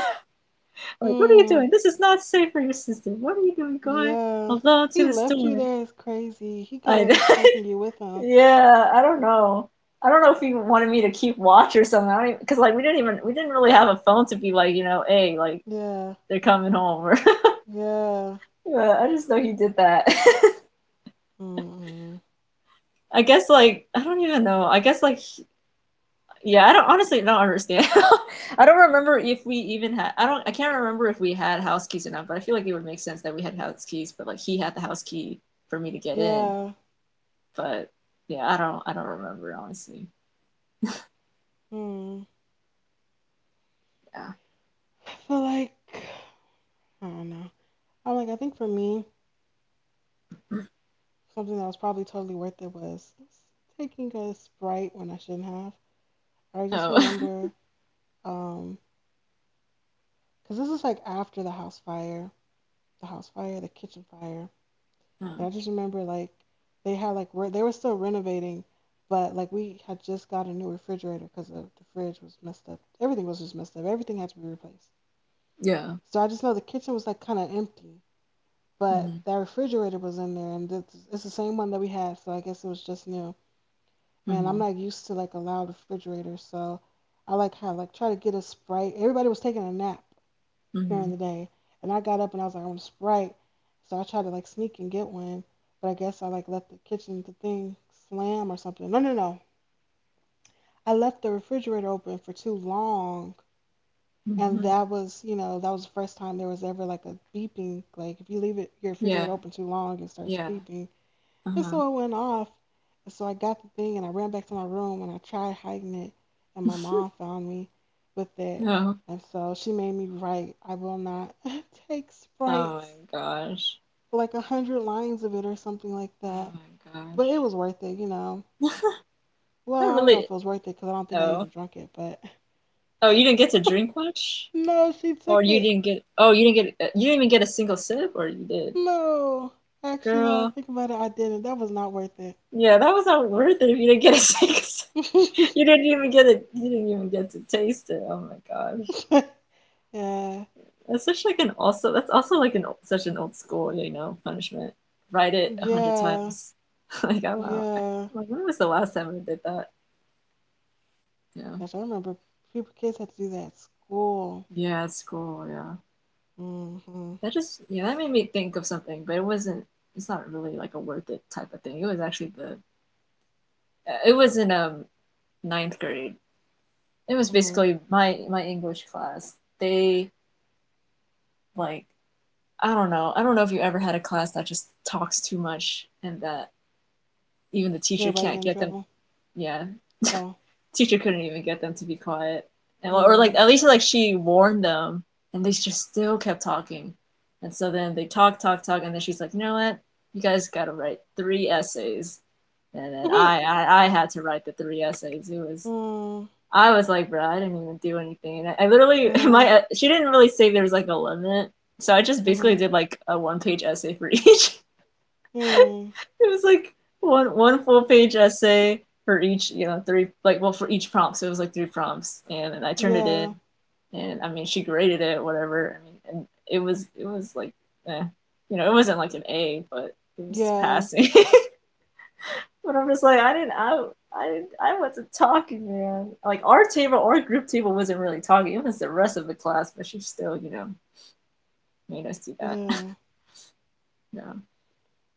[SPEAKER 1] "What are you
[SPEAKER 2] Hmm.
[SPEAKER 1] doing? This is not safe for your sister. What are you doing going
[SPEAKER 2] Yeah.
[SPEAKER 1] alone to
[SPEAKER 2] He
[SPEAKER 1] the
[SPEAKER 2] left you
[SPEAKER 1] store?"
[SPEAKER 2] there is crazy. He could have at least
[SPEAKER 1] I
[SPEAKER 2] taken you with him.
[SPEAKER 1] Yeah, I don't know. I don't know if he wanted me to keep watch or something. I don't, because like we didn't even, we didn't really have a phone to be like, you know, hey, like
[SPEAKER 2] Yeah.
[SPEAKER 1] they're coming home. Or
[SPEAKER 2] Yeah.
[SPEAKER 1] yeah, I just know he did that.
[SPEAKER 2] Mm-mm.
[SPEAKER 1] I guess like, I don't even know. I guess like, yeah, I don't, honestly, don't understand. I don't remember if we even had. I don't. I can't remember if we had house keys or not. But I feel like it would make sense that we had house keys. But like he had the house key for me to get in.
[SPEAKER 2] Yeah.
[SPEAKER 1] But yeah, I don't. I don't remember honestly.
[SPEAKER 2] Hmm. I feel like I don't know. I'm like I think for me, something that was probably totally worth it was taking a Sprite when I shouldn't have. I just
[SPEAKER 1] Yeah. So
[SPEAKER 2] remember um because this is like after the house fire, the house fire, the kitchen fire. And I
[SPEAKER 1] um,
[SPEAKER 2] just remember like they had like they were still renovating, but like we had just got a new refrigerator because the fridge was messed up. Everything was just messed up. Everything had to be replaced.
[SPEAKER 1] yeah.
[SPEAKER 2] So I just know the kitchen was like kind of empty, but
[SPEAKER 1] Mhm.
[SPEAKER 2] that refrigerator was in there, and it's the same one that we had. So I guess it was just new. And I'm
[SPEAKER 1] Mhm.
[SPEAKER 2] not used to like a loud refrigerator, so I like had like try to get a sprite. Everybody was taking a nap, during
[SPEAKER 1] Mhm.
[SPEAKER 2] the day. And I got up and I was like, I want a Sprite. So I tried to like sneak and get one, but I guess I like left the kitchen the thing slam or something. No, no, no. I left the refrigerator open for too long, and
[SPEAKER 1] Mhm.
[SPEAKER 2] that was, that was the first time there was ever like a beeping. Like if you leave it your
[SPEAKER 1] Yeah.
[SPEAKER 2] refrigerator open too long, it starts
[SPEAKER 1] Yeah.
[SPEAKER 2] beeping. And
[SPEAKER 1] Uh-huh.
[SPEAKER 2] so it went off. And so I got the thing and I ran back to my room and I tried hiding it, and my mom found me with it.
[SPEAKER 1] Oh.
[SPEAKER 2] And so she made me write, I will not take
[SPEAKER 1] Oh my
[SPEAKER 2] sprites
[SPEAKER 1] gosh.
[SPEAKER 2] like 100 lines of it or something like
[SPEAKER 1] Oh
[SPEAKER 2] that.
[SPEAKER 1] my
[SPEAKER 2] But it
[SPEAKER 1] gosh.
[SPEAKER 2] was worth it.
[SPEAKER 1] I
[SPEAKER 2] Well, I don't know if
[SPEAKER 1] really.
[SPEAKER 2] it was worth it because I don't think I
[SPEAKER 1] Oh.
[SPEAKER 2] even drank it. But
[SPEAKER 1] Oh, you didn't get to drink much,
[SPEAKER 2] no, she
[SPEAKER 1] or
[SPEAKER 2] took
[SPEAKER 1] you
[SPEAKER 2] it.
[SPEAKER 1] didn't get. Oh, you didn't get. You didn't even get a single sip, or you did,
[SPEAKER 2] No, actually, no. I
[SPEAKER 1] girl.
[SPEAKER 2] think about it, I didn't. That was not worth it.
[SPEAKER 1] Yeah, that was not worth it if you didn't get a single sip. You didn't even get it. You didn't even get to taste it. Oh my god.
[SPEAKER 2] yeah,
[SPEAKER 1] That's such like an also that's also like an such an old school, you know, punishment. Write it a hundred
[SPEAKER 2] yeah,
[SPEAKER 1] times. Like I'm out.
[SPEAKER 2] yeah.
[SPEAKER 1] Like when was the last time I did that? Yeah.
[SPEAKER 2] Gosh, I remember people kids had to do that at school.
[SPEAKER 1] Yeah, at school, yeah.
[SPEAKER 2] Mm-hmm.
[SPEAKER 1] That just yeah, that made me think of something, but it wasn't it's not really like a worth it type of thing. It was actually the it was in ninth grade. It was
[SPEAKER 2] Mm-hmm.
[SPEAKER 1] basically my English class. They like I don't know. I don't know if you ever had a class that just talks too much and that even the teacher
[SPEAKER 2] Everybody get
[SPEAKER 1] can't
[SPEAKER 2] in
[SPEAKER 1] get them
[SPEAKER 2] trouble.
[SPEAKER 1] yeah
[SPEAKER 2] Oh.
[SPEAKER 1] teacher couldn't even get them to be quiet, and, or like
[SPEAKER 2] Mm.
[SPEAKER 1] at least like she warned them, and they just still kept talking, and so then they talk, talk, talk, and then she's like, you know what, you guys got to write three essays, and then
[SPEAKER 2] Mm-hmm.
[SPEAKER 1] I had to write the three essays. It was
[SPEAKER 2] Mm.
[SPEAKER 1] I was like, bro, I didn't even do anything. And I literally my
[SPEAKER 2] Uh,
[SPEAKER 1] she didn't really say there was like a limit, so I just basically
[SPEAKER 2] mm-hmm.
[SPEAKER 1] did like a one page essay for each.
[SPEAKER 2] Mm.
[SPEAKER 1] It was like one full page essay for each, you know, three like well for each prompt. So it was like three prompts, and I turned it in,
[SPEAKER 2] Yeah.
[SPEAKER 1] and I mean she graded it, whatever. I mean, and it was like, eh, you know, it wasn't like an A, but it was
[SPEAKER 2] Yeah.
[SPEAKER 1] passing. But I'm just like I I wasn't talking, man. Like our table, our group table wasn't really talking. It was the rest of the class, but she still, you know, made us do that.
[SPEAKER 2] Yeah,
[SPEAKER 1] Yeah.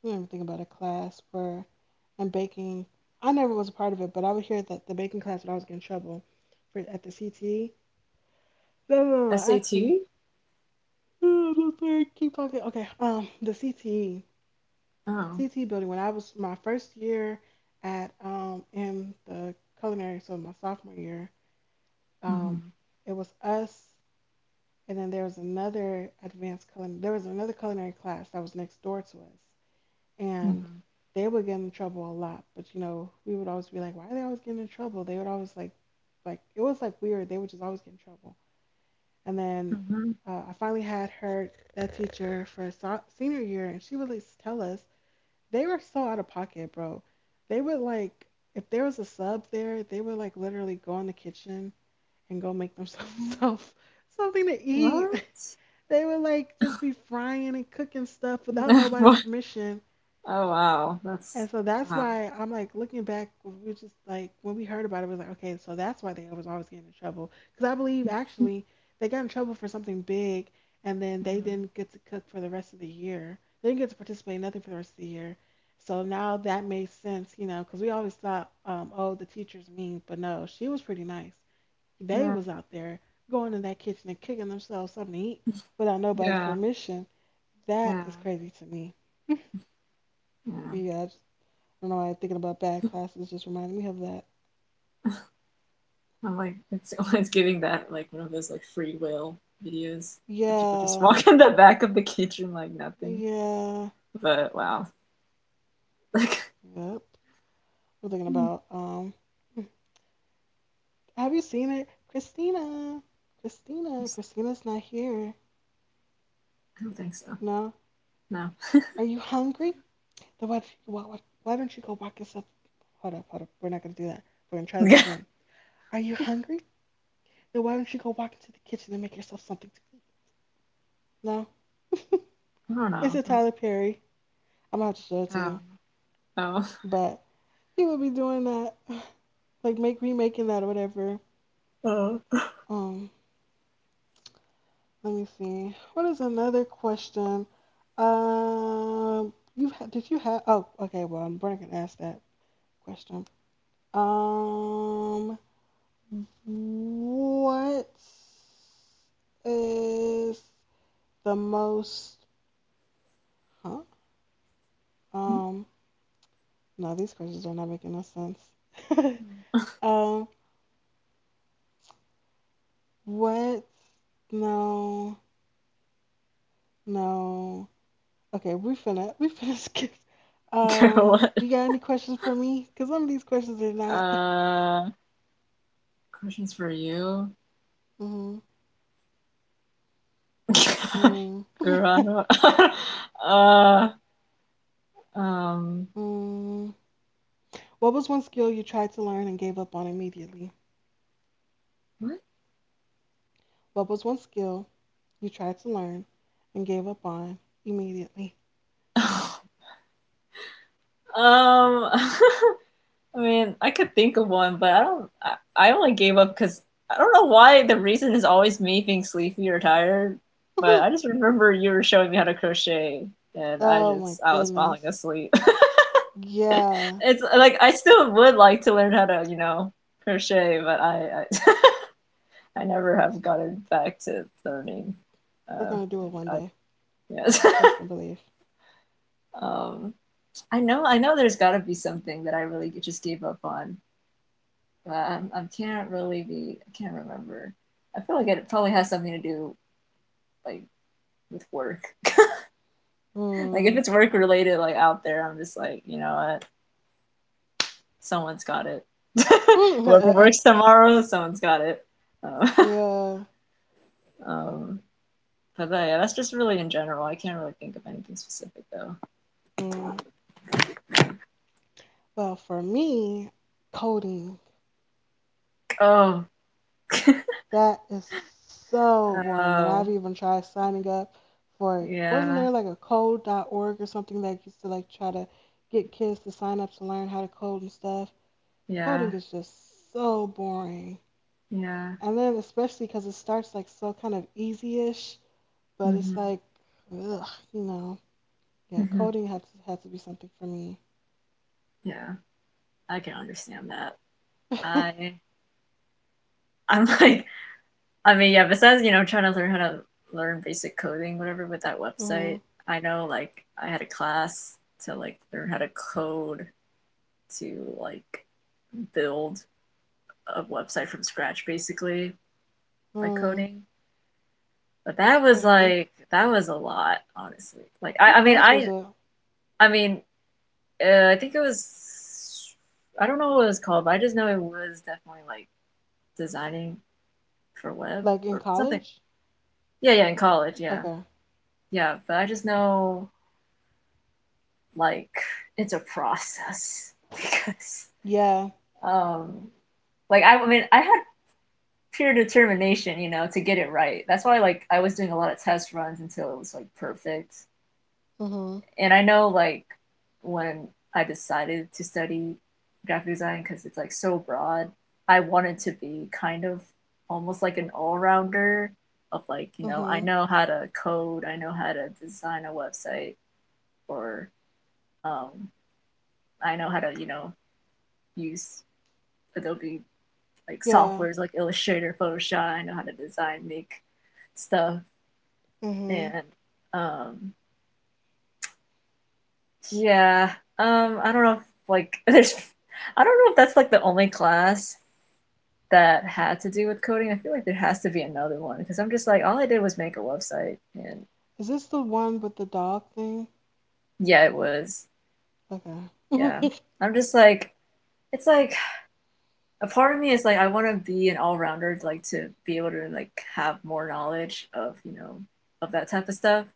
[SPEAKER 2] I never think about a class for and baking. I never was a part of it, but I would hear that the baking class when I was getting in trouble for at the CTE. No, no, no, no actually,
[SPEAKER 1] SAT.
[SPEAKER 2] I'm sorry, keep talking. Okay, the CTE,
[SPEAKER 1] Oh.
[SPEAKER 2] CTE building. When I was my first year at in the culinary, so my sophomore year,
[SPEAKER 1] Mm-hmm.
[SPEAKER 2] um, it was us, and then there was another advanced culinary. There was another culinary class that was next door to us and
[SPEAKER 1] Mm-hmm.
[SPEAKER 2] they would get in trouble a lot. But you know, we would always be like, why are they always getting in trouble? They would always like it was like weird. They would just always get in trouble. And then
[SPEAKER 1] Mm-hmm.
[SPEAKER 2] I finally had her that teacher for senior year, and she would just tell us they were so out of pocket, bro. They would like if there was a sub there, they would like literally go in the kitchen and go make themselves something to eat.
[SPEAKER 1] What?
[SPEAKER 2] They would like just be frying and cooking stuff without nobody's
[SPEAKER 1] What?
[SPEAKER 2] permission.
[SPEAKER 1] Oh wow,
[SPEAKER 2] And
[SPEAKER 1] that's
[SPEAKER 2] so that's
[SPEAKER 1] wow.
[SPEAKER 2] why I'm like looking back, we just like when we heard about it, we was like, okay, so that's why they was always getting in trouble. Because I believe
[SPEAKER 1] Mm.
[SPEAKER 2] actually they got in trouble for something big, and then they didn't get to cook for the rest of the year. They didn't get to participate in nothing for the rest of the year. So now that made sense, you know, because we always thought, oh, the teacher's mean, but no, she was pretty nice. They
[SPEAKER 1] Yeah,
[SPEAKER 2] was out there going in that kitchen and kicking themselves something to eat without nobody's
[SPEAKER 1] yeah,
[SPEAKER 2] permission. That
[SPEAKER 1] yeah,
[SPEAKER 2] is crazy to me.
[SPEAKER 1] yeah.
[SPEAKER 2] But yeah, don't know why thinking about bad classes just reminded me of that.
[SPEAKER 1] I'm like, it's it's giving that like one of those like free will videos where people just
[SPEAKER 2] Yeah,
[SPEAKER 1] walk in the back of the kitchen like nothing.
[SPEAKER 2] yeah,
[SPEAKER 1] But wow, like,
[SPEAKER 2] yep. I'm thinking
[SPEAKER 1] mm,
[SPEAKER 2] about Have you seen it, Christina? Christina,
[SPEAKER 1] just-
[SPEAKER 2] Christina's not here.
[SPEAKER 1] I don't think so.
[SPEAKER 2] No,
[SPEAKER 1] No,
[SPEAKER 2] are you hungry? Then why don't you go walk yourself? Hold up, hold up. We're not gonna do that. We're gonna try this again. Are you hungry? Then why don't you go walk into the kitchen and make yourself something to eat? No,
[SPEAKER 1] I don't
[SPEAKER 2] it's
[SPEAKER 1] know.
[SPEAKER 2] a Tyler Perry. I'm gonna have to show it to
[SPEAKER 1] Oh,
[SPEAKER 2] you,
[SPEAKER 1] oh,
[SPEAKER 2] but he would be doing that. like make remaking that or whatever.
[SPEAKER 1] oh.
[SPEAKER 2] Um, let me see. What is another question? Um, uh, you had did you have? Oh, okay. Well, I'm gonna ask that question. Um, what is the most? Huh? Um, no, these questions are not making no sense. um, what? No, no. Okay, we finna skip.
[SPEAKER 1] Girl, what?
[SPEAKER 2] You got any questions for me? Cause some of these questions are not.
[SPEAKER 1] Uh, Questions for you.
[SPEAKER 2] Mm, mm,
[SPEAKER 1] Girl, I don't. uh, um,
[SPEAKER 2] mm. What was one skill you tried to learn and gave up on immediately?
[SPEAKER 1] what?
[SPEAKER 2] What was one skill you tried to learn and gave up on immediately?
[SPEAKER 1] um, I mean, I could think of one, but I don't. I only gave up because I don't know why. The reason is always me being sleepy or tired. But I
[SPEAKER 2] oh
[SPEAKER 1] just remember you were showing me how to crochet, and I
[SPEAKER 2] my
[SPEAKER 1] just I was falling
[SPEAKER 2] goodness.
[SPEAKER 1] asleep.
[SPEAKER 2] Yeah,
[SPEAKER 1] It's like I still would like to learn how to, you know, crochet, but I never have gotten back to learning.
[SPEAKER 2] we're
[SPEAKER 1] Uh,
[SPEAKER 2] gonna do it one
[SPEAKER 1] I
[SPEAKER 2] day.
[SPEAKER 1] Yes.
[SPEAKER 2] Trust and believe.
[SPEAKER 1] Um, I know, I know. There's got to be something that I really just gave up on. I can't really be. I can't remember. I feel like it probably has something to do like with work. Like if
[SPEAKER 2] Mm.
[SPEAKER 1] it's work related, like out there, I'm just like, you know what? Someone's got it. Whoever works tomorrow, someone's got it. Um,
[SPEAKER 2] yeah.
[SPEAKER 1] um, but yeah, that's just really in general. I can't really think of anything specific
[SPEAKER 2] Mm. Well, for me, coding.
[SPEAKER 1] though. Oh,
[SPEAKER 2] That is so boring. And
[SPEAKER 1] oh,
[SPEAKER 2] I've even tried signing up for, wasn't
[SPEAKER 1] yeah,
[SPEAKER 2] there like a code.org or something that used to like try to get kids to sign up to learn how to code and stuff?
[SPEAKER 1] yeah,
[SPEAKER 2] Coding is just so boring.
[SPEAKER 1] yeah.
[SPEAKER 2] And then especially because it starts like so kind of easy-ish, but it's
[SPEAKER 1] hmm
[SPEAKER 2] like, ugh, you know, yeah,
[SPEAKER 1] hmm
[SPEAKER 2] coding had to be something for me.
[SPEAKER 1] Yeah. I can understand that. I I'm like I mean yeah, besides, you know, trying to learn how to learn basic coding, whatever with that
[SPEAKER 2] Mm-hmm.
[SPEAKER 1] website, I know like I had a class to like learn how to code to like build a website from scratch basically by coding. But that was
[SPEAKER 2] Mm-hmm.
[SPEAKER 1] like that was a lot, honestly. Like
[SPEAKER 2] What
[SPEAKER 1] I mean
[SPEAKER 2] class was it?
[SPEAKER 1] I mean I think it was I don't know what it was called, but I just know it was definitely like designing for web
[SPEAKER 2] Like in
[SPEAKER 1] or something.
[SPEAKER 2] college?
[SPEAKER 1] Yeah, yeah, in college, yeah.
[SPEAKER 2] Okay.
[SPEAKER 1] Yeah, but I just know like it's a process because
[SPEAKER 2] Yeah.
[SPEAKER 1] um like I had pure determination, you know, to get it right. That's why like I was doing a lot of test runs until it was like perfect.
[SPEAKER 2] Mm-hmm.
[SPEAKER 1] And I know like when I decided to study graphic design because it's like so broad, I wanted to be kind of almost like an all-rounder of like, you know, I
[SPEAKER 2] Mm-hmm.
[SPEAKER 1] know how to code, I know how to design a website or um, I know how to you know use Adobe like
[SPEAKER 2] Yeah.
[SPEAKER 1] softwares like Illustrator, Photoshop. I know how to design, make stuff,
[SPEAKER 2] Mhm.
[SPEAKER 1] and um, yeah. I don't know if like there's, I don't know if that's like the only class that had to do with coding. I feel like there has to be another one because I'm just like all I did was make a website, and
[SPEAKER 2] Is this the one with the dog thing?
[SPEAKER 1] yeah, it was
[SPEAKER 2] Okay.
[SPEAKER 1] yeah. I'm just like it's like a part of me is like I want to be an all-rounder, like to be able to like have more knowledge of, you know, of that type of stuff.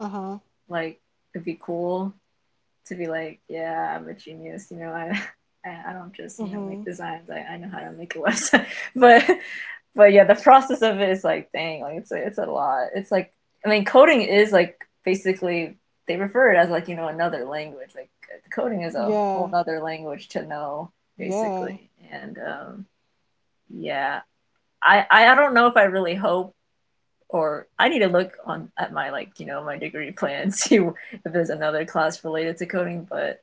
[SPEAKER 2] Uh huh.
[SPEAKER 1] Like it'd be cool to be like, yeah, I'm a genius, you know, I I don't just, you know, make
[SPEAKER 2] Mhm.
[SPEAKER 1] designs. I know how to make a website. But but yeah, the process of it is like, dang, like it's a lot. It's like I mean, coding is like basically they refer it as like, you know, another language. Like coding is a whole
[SPEAKER 2] Yeah.
[SPEAKER 1] other language to know basically.
[SPEAKER 2] Yeah.
[SPEAKER 1] And yeah, I don't know if I really hope or I need to look on at my like you know my degree plan see if there's another class related to coding. But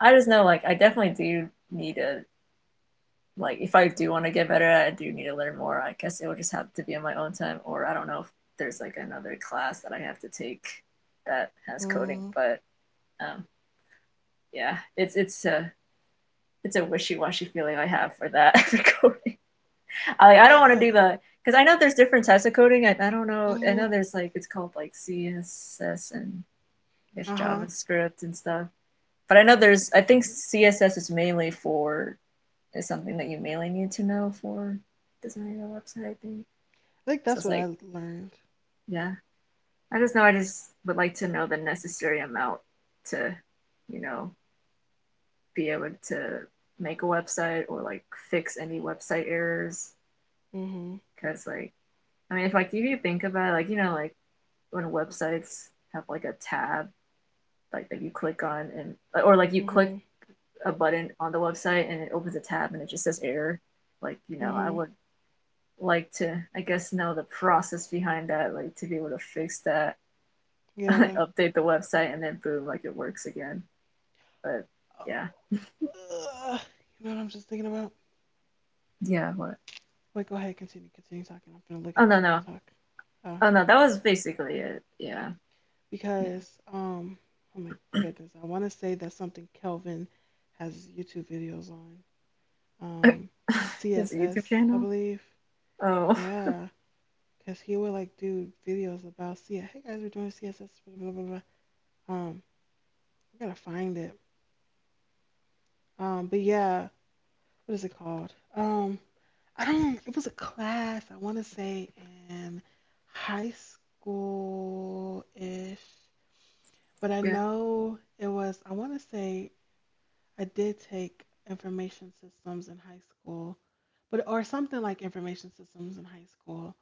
[SPEAKER 1] I just know like I definitely do need to like if I do want to get better at it, I do need to learn more. I guess it will just have to be on my own time, or I don't know if there's like another class that I have to take that has coding.
[SPEAKER 2] Mm.
[SPEAKER 1] But um, yeah, it's a wishy washy feeling I have for that for coding. I like I don't want to
[SPEAKER 2] Yeah.
[SPEAKER 1] do that because I know there's different types of coding. I don't know. I
[SPEAKER 2] Mhm.
[SPEAKER 1] know there's like it's called like CSS and there's
[SPEAKER 2] Uh huh. I
[SPEAKER 1] JavaScript and stuff. But I know there's I think CSS is mainly for is something that you mainly need to know for designing a website. I think
[SPEAKER 2] think
[SPEAKER 1] so.
[SPEAKER 2] that's
[SPEAKER 1] It's
[SPEAKER 2] what I
[SPEAKER 1] like
[SPEAKER 2] learned.
[SPEAKER 1] yeah, I just know I just would like to know the necessary amount to you know be able to make a website or like fix any website errors
[SPEAKER 2] Mhm.
[SPEAKER 1] because like I mean if like if you think about it, like you know like when websites have like a tab like that you click on and or like you click
[SPEAKER 2] Mhm.
[SPEAKER 1] a button on the website and it opens a tab and it just says error. Like you know, I
[SPEAKER 2] Mhm.
[SPEAKER 1] would like to I guess know the process behind that, like to be able to fix that,
[SPEAKER 2] Yeah.
[SPEAKER 1] update the website, and then boom, like it works again. But yeah,
[SPEAKER 2] Ugh. You know what I'm just thinking about?
[SPEAKER 1] yeah. What?
[SPEAKER 2] Wait, go ahead, continue talking. I'm gonna look it
[SPEAKER 1] Oh
[SPEAKER 2] up
[SPEAKER 1] no,
[SPEAKER 2] while you
[SPEAKER 1] no,
[SPEAKER 2] talk. Uh,
[SPEAKER 1] oh no. That was basically it. Yeah, yeah.
[SPEAKER 2] because oh my goodness, I want to say that's something Kelvin has YouTube videos on. um,
[SPEAKER 1] It's a YouTube
[SPEAKER 2] CSS, I
[SPEAKER 1] channel.
[SPEAKER 2] believe.
[SPEAKER 1] Oh
[SPEAKER 2] Yeah, because he would like do videos about C. Hey guys, we're doing CSS. Blah blah blah. Blah. Um, I gotta find it. But yeah, what is it called? I don't. It was a class. I want to say in high school ish, but I
[SPEAKER 1] yeah,
[SPEAKER 2] know it was. I want to say I did take information systems in high school, but or something like information systems in high school.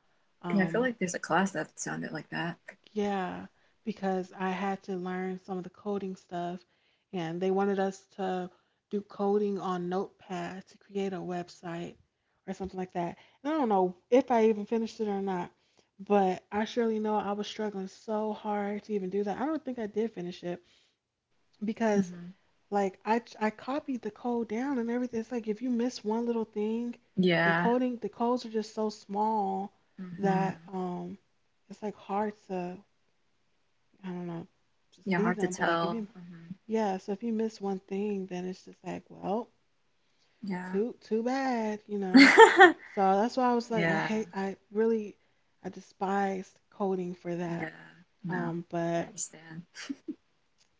[SPEAKER 1] yeah. I feel
[SPEAKER 2] Um.
[SPEAKER 1] like there's a class that sounded like that.
[SPEAKER 2] Yeah, because I had to learn some of the coding stuff, and they wanted us to do coding on Notepad to create a website or something like that. And I don't know if I even finished it or not, but I surely know I was struggling so hard to even do that. I don't think I did finish it because,
[SPEAKER 1] Hmm
[SPEAKER 2] like, I copied the code down and everything. It's like if you miss one little thing, and
[SPEAKER 1] Yeah.
[SPEAKER 2] coding, the codes are just so small
[SPEAKER 1] hmm
[SPEAKER 2] that it's like hard to I don't know, to
[SPEAKER 1] Yeah,
[SPEAKER 2] see
[SPEAKER 1] hard to
[SPEAKER 2] them. But like if
[SPEAKER 1] tell.
[SPEAKER 2] you
[SPEAKER 1] Hmm
[SPEAKER 2] yeah, so if you miss one thing, then it's just like, well,
[SPEAKER 1] Yeah.
[SPEAKER 2] too bad, you know. So that's why I was like, I
[SPEAKER 1] Yeah.
[SPEAKER 2] hate, I really, I despised coding for
[SPEAKER 1] Yeah.
[SPEAKER 2] that.
[SPEAKER 1] No, I
[SPEAKER 2] But
[SPEAKER 1] understand.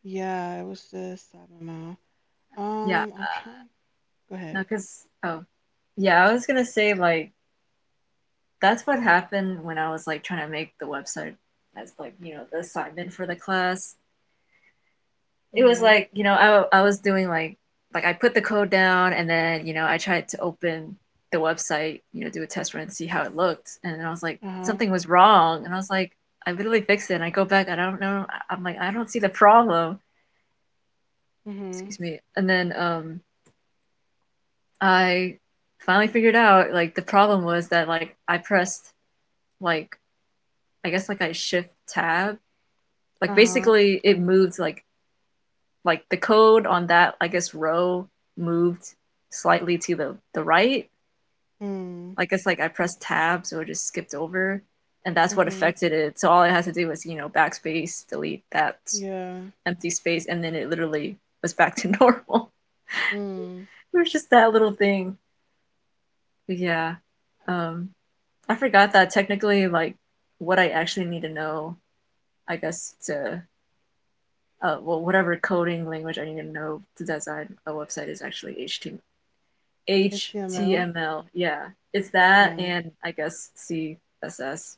[SPEAKER 2] yeah, it was just I don't know.
[SPEAKER 1] Yeah.
[SPEAKER 2] I'm trying. Go
[SPEAKER 1] No,
[SPEAKER 2] ahead.
[SPEAKER 1] because, oh, yeah, I was gonna say, like, that's what happened when I was, like, trying to make the website as, like, you know, the assignment for the class. It was
[SPEAKER 2] Mhm.
[SPEAKER 1] like you know I was doing like I put the code down and then you know I tried to open the website you know do a test run and see how it looked and then I was like
[SPEAKER 2] Uh huh.
[SPEAKER 1] something was wrong and I was like I literally fixed it and I go back I don't know I'm like I don't see the problem.
[SPEAKER 2] Mhm.
[SPEAKER 1] Excuse me. And then I finally figured out like the problem was that like I pressed like I guess like I shift tab like
[SPEAKER 2] Uh huh.
[SPEAKER 1] basically it moved like the code on that I guess row moved slightly to the right.
[SPEAKER 2] Mm.
[SPEAKER 1] I guess like I pressed tab so it just skipped over and that's what
[SPEAKER 2] Mhm.
[SPEAKER 1] affected it. So all I had to do was, you know, backspace, delete that
[SPEAKER 2] Yeah.
[SPEAKER 1] empty space and then it literally was back to normal.
[SPEAKER 2] Mm.
[SPEAKER 1] It was just that little thing. But yeah. Um I forgot that technically, like, what I actually need to know, I guess, to whatever coding language I need to know to design a website is actually HTML.
[SPEAKER 2] HTML.
[SPEAKER 1] HTML, yeah, it's that,
[SPEAKER 2] Uh.
[SPEAKER 1] and I guess CSS.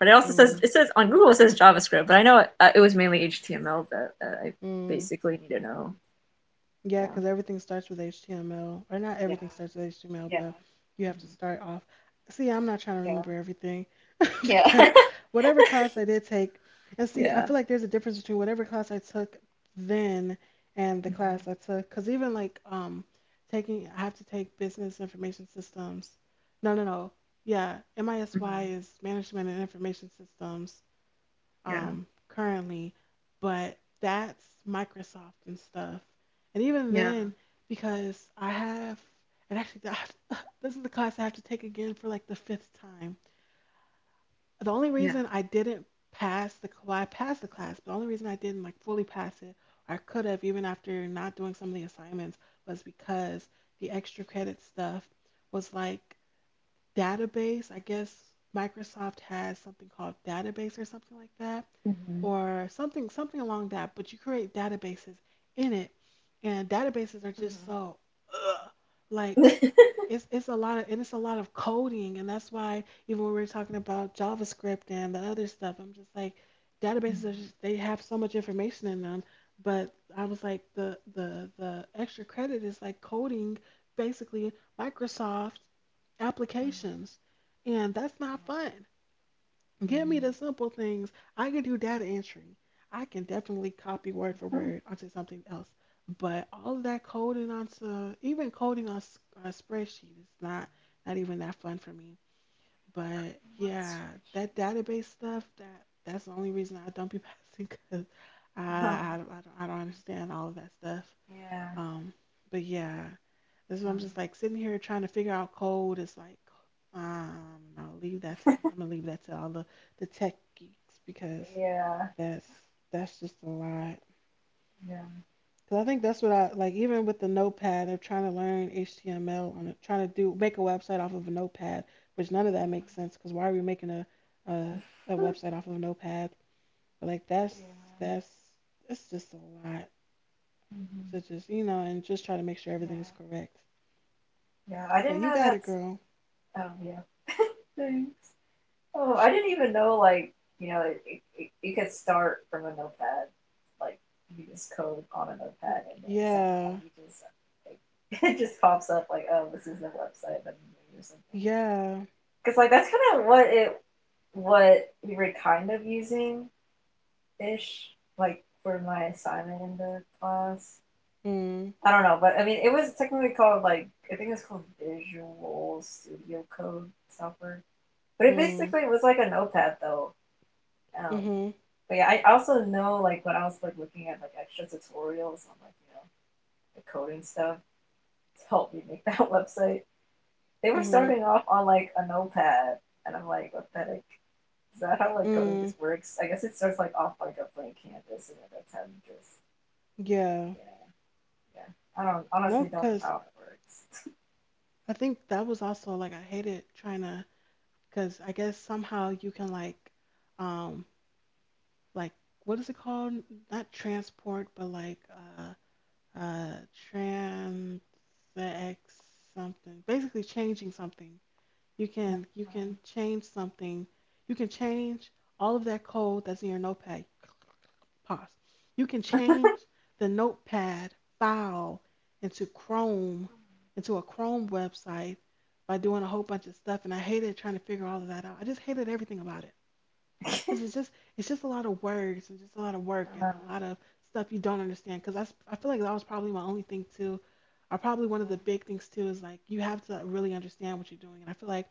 [SPEAKER 1] But it also says,
[SPEAKER 2] Mm.
[SPEAKER 1] it says on Google it says JavaScript, but I know it was mainly HTML that I
[SPEAKER 2] Mm.
[SPEAKER 1] basically need to know.
[SPEAKER 2] Yeah,
[SPEAKER 1] Yeah,
[SPEAKER 2] because everything starts with HTML, or not everything starts with HTML, but you have to start off. See, I'm not trying to remember everything
[SPEAKER 1] yeah.
[SPEAKER 2] because whatever class I did take, and
[SPEAKER 1] Yeah. Mm-hmm. Yeah.
[SPEAKER 2] see, I
[SPEAKER 1] Yeah. yeah,
[SPEAKER 2] feel like there's a difference between whatever class I took then and the
[SPEAKER 1] mm-hmm.
[SPEAKER 2] class I took. Because even like taking, I have to take business information systems. No, no, no. Yeah, MISY
[SPEAKER 1] Mm-hmm.
[SPEAKER 2] is management and information systems
[SPEAKER 1] Yeah,
[SPEAKER 2] currently, but that's Microsoft and stuff. And even
[SPEAKER 1] yeah,
[SPEAKER 2] then, because I have, and actually, this is the class I have to take again for like the fifth time. The only
[SPEAKER 1] yeah.
[SPEAKER 2] reason I didn't pass the well, I passed the class, but the only reason I didn't like fully pass it, or I could have even after not doing some of the assignments, was because the extra credit stuff was like database. I guess Microsoft has something called database or something like that,
[SPEAKER 1] Mm-hmm.
[SPEAKER 2] or something something along that. But you create databases in it, and databases are just
[SPEAKER 1] Mm-hmm.
[SPEAKER 2] so ugh, like it's a lot of and it's a lot of coding, and that's why even when we were talking about JavaScript and the other stuff, I'm just like databases are just they have so much information in them. But I was like the extra credit is like coding basically Microsoft applications. And that's not fun. Give me the simple things. I can do data entry. I can definitely copy word for word onto something else. But all of that coding onto, even coding on a spreadsheet is not, not even that fun for me. But
[SPEAKER 1] want a
[SPEAKER 2] yeah,
[SPEAKER 1] spreadsheet.
[SPEAKER 2] that database stuff, that's the only reason I don't be passing because
[SPEAKER 1] Um,
[SPEAKER 2] I don't understand all of that stuff.
[SPEAKER 1] yeah.
[SPEAKER 2] Um, but yeah, this is what I'm
[SPEAKER 1] Um,
[SPEAKER 2] just like sitting here trying to figure out code. It's like, I'll leave that to I'm gonna leave that to all the tech geeks because
[SPEAKER 1] yeah.
[SPEAKER 2] that's that's just a lot.
[SPEAKER 1] Yeah.
[SPEAKER 2] Cause I think that's what I like. Even with the Notepad, they're trying to learn HTML on it, trying to do make a website off of a Notepad, which none of that
[SPEAKER 1] Mhm.
[SPEAKER 2] makes sense. Cause why are we making a, a website off of a Notepad? But like
[SPEAKER 1] Yeah.
[SPEAKER 2] that's that's just a lot
[SPEAKER 1] Mhm.
[SPEAKER 2] to just you know and just try to make sure
[SPEAKER 1] Yeah.
[SPEAKER 2] everything is correct.
[SPEAKER 1] Yeah, I
[SPEAKER 2] So
[SPEAKER 1] didn't
[SPEAKER 2] you
[SPEAKER 1] know
[SPEAKER 2] got it,
[SPEAKER 1] that's.
[SPEAKER 2] girl.
[SPEAKER 1] Oh yeah. Thanks. Oh, I didn't even know, like, you know, you could start from a notepad, like, you just code on a notepad, and then somehow
[SPEAKER 2] Yeah.
[SPEAKER 1] you just, like, it just pops up like, oh, this is the website that you made or something.
[SPEAKER 2] Yeah.
[SPEAKER 1] Because like that's kind of what it, what we were kind of using, ish, like, for my assignment in the class.
[SPEAKER 2] Mm.
[SPEAKER 1] I don't know, but I mean, it was technically called like, I think it's called Visual Studio Code software, but it
[SPEAKER 2] Mm.
[SPEAKER 1] basically was like a notepad though. Um,
[SPEAKER 2] Mhm.
[SPEAKER 1] but yeah, I also know, like, when I was like looking at like extra tutorials on, like, the coding stuff to help me make that website, they were
[SPEAKER 2] Mhm.
[SPEAKER 1] starting off on like a notepad, and I'm like, what the heck? Is that how, like, coding
[SPEAKER 2] Mm.
[SPEAKER 1] just works? I guess it starts like off like a blank canvas, and then that's how you just
[SPEAKER 2] Yeah.
[SPEAKER 1] yeah yeah. I don't, honestly
[SPEAKER 2] No,
[SPEAKER 1] don't know
[SPEAKER 2] cause
[SPEAKER 1] how it works.
[SPEAKER 2] I think that was also like I hated trying to, cause I guess somehow you can um, like what is it called? Not transport, but like uh, transex something. Basically, changing something. You can change something. You can change all of that code that's in your notepad. Pause. You can change the notepad file into Chrome, into a Chrome website by doing a whole bunch of stuff. And I hated trying to figure all of that out. I just hated everything about it because it's just a lot of words and just a lot of work and a lot of stuff you don't understand. Because I feel like that was probably my only thing too. Or probably one of the big things too is like you have to really understand what you're doing. And I feel like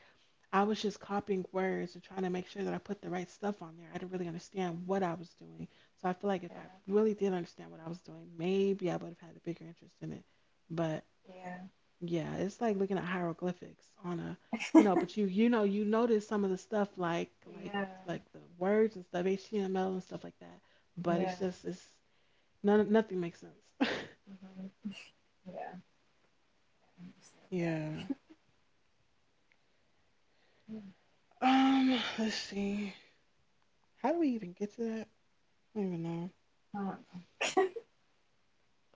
[SPEAKER 2] I was just copying words and trying to make sure that I put the right stuff on there. I didn't really understand what I was doing. So I feel like if I really did understand what I was doing, maybe I would have had a bigger interest in it. But yeah, it's like looking at hieroglyphics on a, you know, but you know you notice some of the stuff
[SPEAKER 1] Yeah
[SPEAKER 2] like the words and stuff HTML and stuff like that. But
[SPEAKER 1] yeah.
[SPEAKER 2] it's none nothing makes sense.
[SPEAKER 1] Mhm. Yeah, I understand
[SPEAKER 2] yeah.
[SPEAKER 1] that.
[SPEAKER 2] Let's see. How do we even get to that? I don't even
[SPEAKER 1] Um,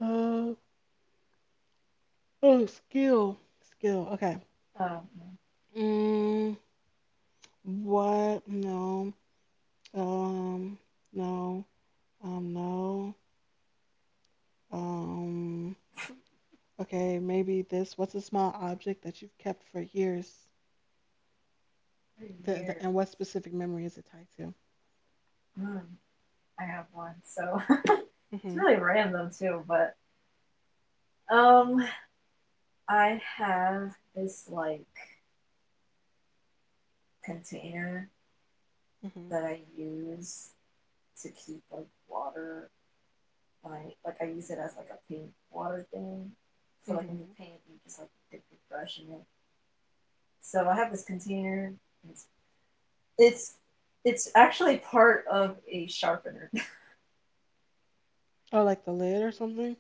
[SPEAKER 2] know. Oh, skill. Okay.
[SPEAKER 1] oh, man,
[SPEAKER 2] Mm, what? No. Um, no. No. Um, okay. Maybe this. What's a small object that you've kept for years?
[SPEAKER 1] for
[SPEAKER 2] The
[SPEAKER 1] years.
[SPEAKER 2] and what specific memory is it tied to?
[SPEAKER 1] Mm, I have one, so it's
[SPEAKER 2] Mm-hmm.
[SPEAKER 1] really random too. But um, I have this like container
[SPEAKER 2] Mm-hmm.
[SPEAKER 1] that I use to keep like water when I, like, I use it as like a paint water thing. So like when you
[SPEAKER 2] Mm-hmm.
[SPEAKER 1] paint, you just like dip your brush in it. So I have this container. It's it's it's actually part of a sharpener.
[SPEAKER 2] Oh, like the lid or something?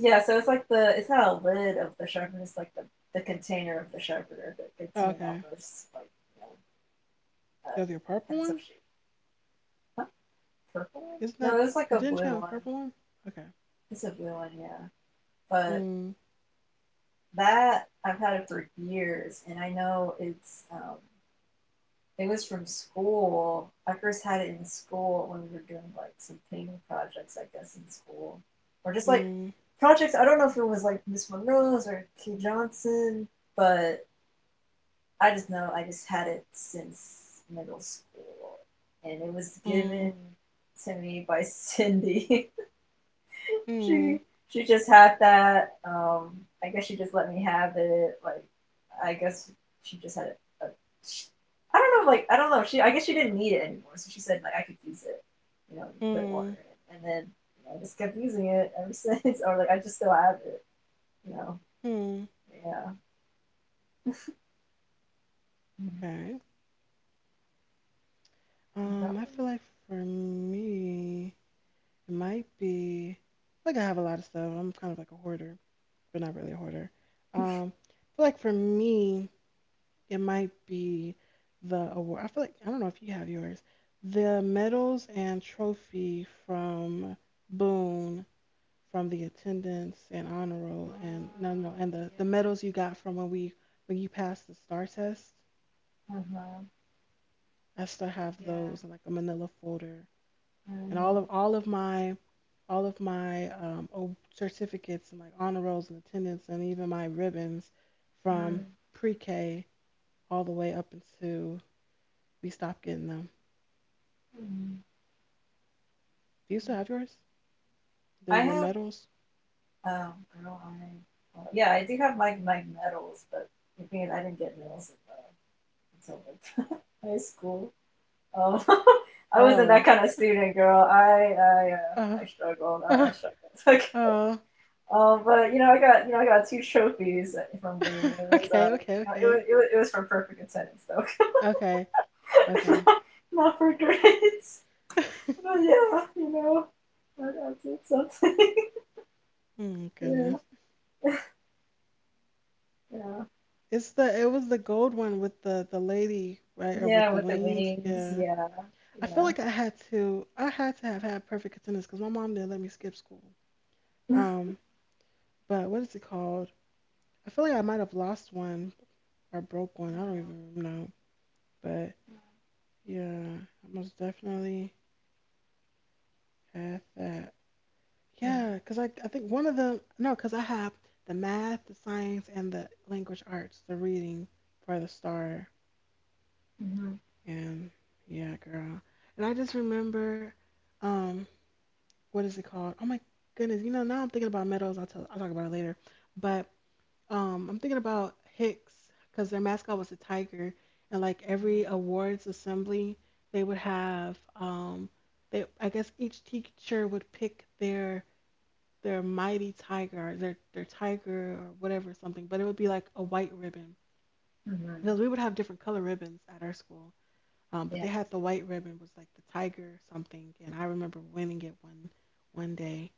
[SPEAKER 1] Yeah, so it's like the, it's not a lid of the sharpener, it's like the container of the sharpener that
[SPEAKER 2] Oh,
[SPEAKER 1] contain all
[SPEAKER 2] okay.
[SPEAKER 1] those, like, uh,
[SPEAKER 2] Does your purple
[SPEAKER 1] pencil
[SPEAKER 2] one?
[SPEAKER 1] shape. What purple?
[SPEAKER 2] Isn't
[SPEAKER 1] No,
[SPEAKER 2] that?
[SPEAKER 1] there's like
[SPEAKER 2] Cause
[SPEAKER 1] a
[SPEAKER 2] didn't you
[SPEAKER 1] blue
[SPEAKER 2] have a purple
[SPEAKER 1] one.
[SPEAKER 2] one? Okay.
[SPEAKER 1] It's a blue one, yeah. But
[SPEAKER 2] Hmm.
[SPEAKER 1] that, I've had it for years, and I know it's it was from school. I first had it in school when we were doing like some painting projects, I guess, in school, or just like
[SPEAKER 2] Hmm.
[SPEAKER 1] projects. I don't know if it was like Miss Monroe's or Key Johnson, but I just know I just had it since middle school, and it was
[SPEAKER 2] Hmm.
[SPEAKER 1] given to me by Cindy. she
[SPEAKER 2] Hmm.
[SPEAKER 1] she just had that. I guess she just let me have it. Like, I guess she just had it. A, I don't know. Like, I don't know. She, I guess she didn't need it anymore, so she said like I could use it. You know, put water
[SPEAKER 2] Hmm.
[SPEAKER 1] in it, and then, you know, I just kept using it ever since. or like I just still have it. You know.
[SPEAKER 2] Hmm.
[SPEAKER 1] Yeah.
[SPEAKER 2] Okay. I feel like for me, it might be like I have a lot of stuff. I'm kind of like a hoarder, but not really a hoarder. I feel like for me, it might be the award. I feel like I don't know if you have yours. The medals and trophy from Boone from the attendance and honor roll and no no and the medals you got from when you passed the star test. I still have those in like a manila folder and all of my certificates and like honor rolls and attendance and even my ribbons from pre-K all the way up until we stopped getting them.
[SPEAKER 1] Mm.
[SPEAKER 2] Do you still have yours? They're
[SPEAKER 1] I
[SPEAKER 2] your
[SPEAKER 1] have
[SPEAKER 2] medals.
[SPEAKER 1] oh, girl, I. Well, yeah, I do have my medals, but the thing is, I didn't get medals until, like, high school. Um, I wasn't
[SPEAKER 2] Oh,
[SPEAKER 1] that kind of student, girl.
[SPEAKER 2] uh,
[SPEAKER 1] I struggled. I,
[SPEAKER 2] uh,
[SPEAKER 1] I struggled. Like,
[SPEAKER 2] oh.
[SPEAKER 1] but you know, I got, you know, I got 2 trophies from Boone. It was
[SPEAKER 2] okay, okay,
[SPEAKER 1] you know,
[SPEAKER 2] okay,
[SPEAKER 1] it was for perfect attendance
[SPEAKER 2] okay,
[SPEAKER 1] though,
[SPEAKER 2] okay.
[SPEAKER 1] not, not for grades.
[SPEAKER 2] oh
[SPEAKER 1] But yeah, you know, I did something. yeah,
[SPEAKER 2] goodness,
[SPEAKER 1] yeah,
[SPEAKER 2] it was the gold one with the lady right or with
[SPEAKER 1] yeah.
[SPEAKER 2] the
[SPEAKER 1] With the
[SPEAKER 2] wings.
[SPEAKER 1] wings,
[SPEAKER 2] Yeah,
[SPEAKER 1] yeah,
[SPEAKER 2] I feel
[SPEAKER 1] yeah.
[SPEAKER 2] like I had to. I had to have had perfect attendance because my mom didn't let me skip school. Um, but what is it called? I feel like I might have lost one or broke one. I don't even know. But yeah, I most definitely had that. Yeah, because I think one of them. No, because I have the math, the science, and the language arts, the reading for the star.
[SPEAKER 1] Hmm.
[SPEAKER 2] And yeah, girl. And I just remember, um, what is it called? Oh my goodness, you know, now I'm thinking about Meadows. I'll talk about it later. But I'm thinking about Hicks because their mascot was a tiger, and like every awards assembly, they would have they I guess each teacher would pick their mighty tiger, or their tiger or whatever something, but it would be like a white ribbon
[SPEAKER 1] Mm.
[SPEAKER 2] because we would have different color ribbons at our school. But
[SPEAKER 1] Yeah.
[SPEAKER 2] they had the white ribbon was like the tiger something, and I remember winning it one day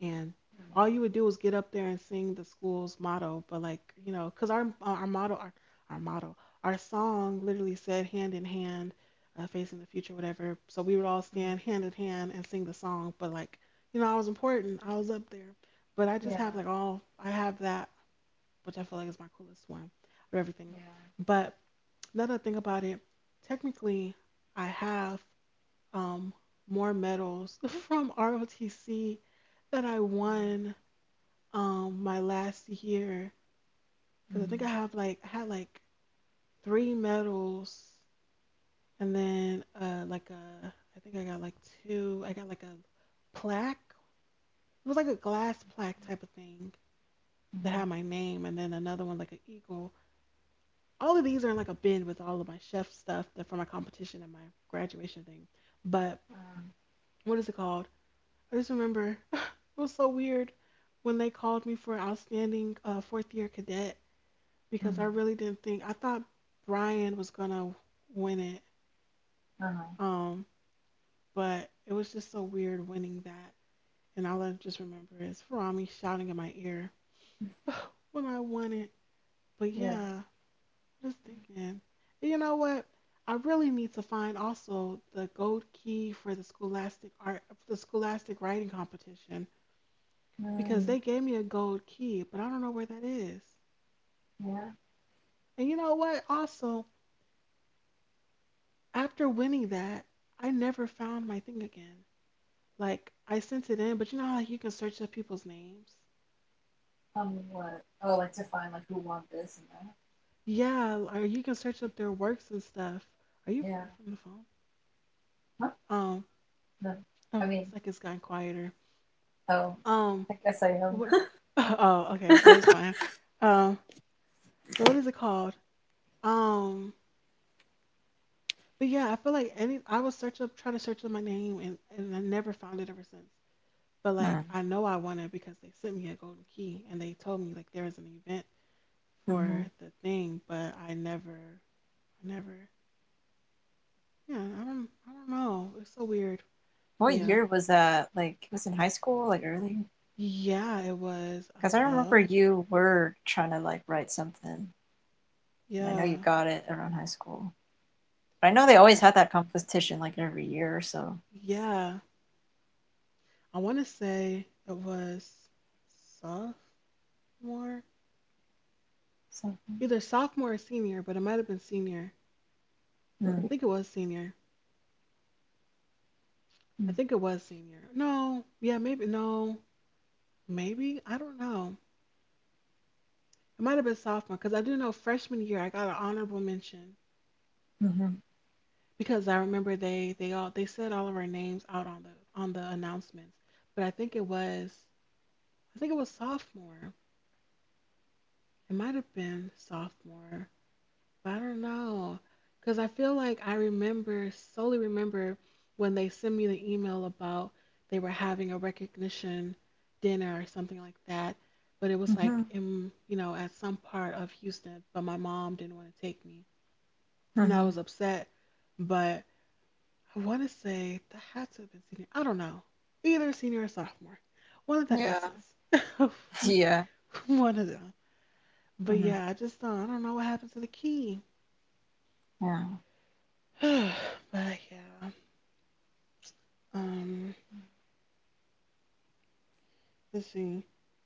[SPEAKER 2] and all you would do was get up there and sing the school's motto but like you know because our motto our song literally said hand in hand facing the future whatever so we would all stand hand in hand and sing the song but like you know I was important I was up there but I just have like all I have that which I feel like is my coolest one of everything but another thing about it technically I have um more medals from ROTC that I won my last year because I think I had like three medals and then like a I think I got like two I got like a plaque it was like a glass plaque type of thing that
[SPEAKER 1] Uh-huh.
[SPEAKER 2] had my name and then another one like an eagle all of these are in like a bin with all of my chef stuff that for my competition and my graduation thing but what is it called I just remember it was so weird when they called me for outstanding fourth year cadet because I
[SPEAKER 1] Uh-huh.
[SPEAKER 2] really didn't think I thought Brian was gonna win it.
[SPEAKER 1] Uh-huh.
[SPEAKER 2] Um, but it was just so weird winning that. And all I just remember is Farami shouting in my ear when I won it. But
[SPEAKER 1] Yeah.
[SPEAKER 2] yeah, I'm just thinking. And you know what? I really need to find also the gold key for the scholastic art the scholastic writing competition because
[SPEAKER 1] Mm.
[SPEAKER 2] they gave me a gold key, but I don't know where that is.
[SPEAKER 1] Yeah.
[SPEAKER 2] And you know what? Also, after winning that, I never found my thing again. Like I sent it in, but you know how like you can search up people's names.
[SPEAKER 1] What? Oh, like to find like who want this and that.
[SPEAKER 2] Yeah, or you can search up their works and stuff. Are you
[SPEAKER 1] Yeah.
[SPEAKER 2] far from the phone?
[SPEAKER 1] Huh?
[SPEAKER 2] Um,
[SPEAKER 1] No. I
[SPEAKER 2] oh, it's
[SPEAKER 1] mean,
[SPEAKER 2] like it's gotten quieter.
[SPEAKER 1] oh,
[SPEAKER 2] Um,
[SPEAKER 1] I guess I
[SPEAKER 2] but
[SPEAKER 1] am.
[SPEAKER 2] what? Oh, okay, but that's fine. Um, but what is it called? Um, but yeah, I feel like any I would search up, try to search up my name, and I never found it ever since. But like I know I won it because they sent me a golden key and they told me like there was an event
[SPEAKER 1] Mm-hmm.
[SPEAKER 2] for the thing, but I never. Yeah, I don't know. It's so weird. But
[SPEAKER 1] What
[SPEAKER 2] yeah.
[SPEAKER 1] year was that? Like, it was in high school, really?
[SPEAKER 2] Yeah, it was.
[SPEAKER 1] Because I remember
[SPEAKER 2] Um,
[SPEAKER 1] you were trying to like write something, and I know you
[SPEAKER 2] yeah.
[SPEAKER 1] got it around high school. But I know they
[SPEAKER 2] I,
[SPEAKER 1] always had that competition like every year or so.
[SPEAKER 2] yeah. I want to say it was sophomore.
[SPEAKER 1] So.
[SPEAKER 2] Either sophomore or senior, but it might have been senior. I
[SPEAKER 1] Mm.
[SPEAKER 2] think it was senior. I
[SPEAKER 1] Mm-hmm.
[SPEAKER 2] think it was senior. No. Yeah, maybe no. Maybe. I don't know. It might have been sophomore because I do know freshman year I got an honorable mention
[SPEAKER 1] Mm-hmm.
[SPEAKER 2] because I remember they said all of our names out on the announcements but I think it was. I think it was sophomore. It might have been sophomore, but I don't know. Because I feel like I solely remember when they sent me the email about they were having a recognition dinner or something like that. But it was like in, at some part of Houston, but my mom didn't want to take me. And I was
[SPEAKER 1] Mm-hmm.
[SPEAKER 2] upset. But I want to say that had to have been senior. I don't know. Either senior or sophomore. One of the
[SPEAKER 1] Yeah.
[SPEAKER 2] S's. we,
[SPEAKER 1] Yeah.
[SPEAKER 2] one of them. But
[SPEAKER 1] Mm-hmm.
[SPEAKER 2] yeah, I just I don't know what happened to the key.
[SPEAKER 1] Yeah.
[SPEAKER 2] But yeah. Um, let's see.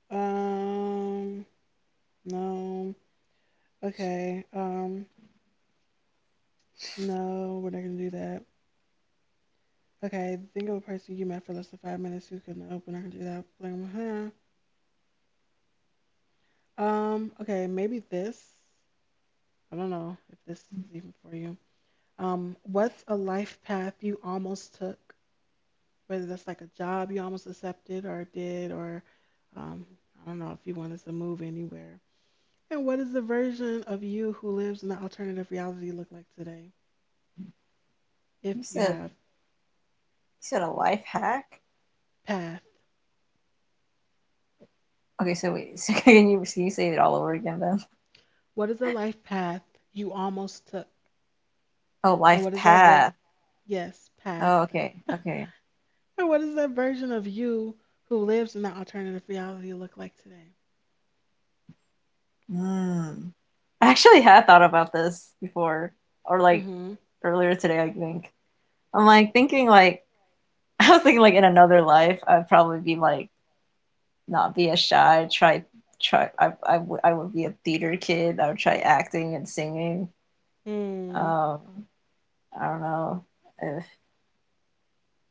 [SPEAKER 2] Um, no. Okay. No, we're not gonna do that. Okay, think of a person you met for less than 5 minutes who's gonna open. I can do that. Blame her. Okay, maybe this. I don't know if this is even for you. What's a life path you almost took? Whether that's like a job you almost accepted or did, or um, I don't know if you wanted to move anywhere. And what does the version of you who lives in the alternative reality look like today?
[SPEAKER 1] You
[SPEAKER 2] If you
[SPEAKER 1] said
[SPEAKER 2] have
[SPEAKER 1] he said a life hack.
[SPEAKER 2] path,
[SPEAKER 1] Okay, so wait, so can you, can you say it all over again then?
[SPEAKER 2] what is the life path you almost took?
[SPEAKER 1] Oh,
[SPEAKER 2] And
[SPEAKER 1] life
[SPEAKER 2] what is that ver?
[SPEAKER 1] path.
[SPEAKER 2] Yes,
[SPEAKER 1] Oh,
[SPEAKER 2] path.
[SPEAKER 1] okay, okay.
[SPEAKER 2] And what does that version of you who lives in the alternative reality look like today?
[SPEAKER 1] Mm. I actually had thought about this before, or like
[SPEAKER 2] Mm-hmm.
[SPEAKER 1] earlier today, I think. I'm like thinking like I was thinking like in another life, I'd probably be like not be as shy. Try try. I would be a theater kid. I would try acting and singing.
[SPEAKER 2] Mm.
[SPEAKER 1] Um, I don't know if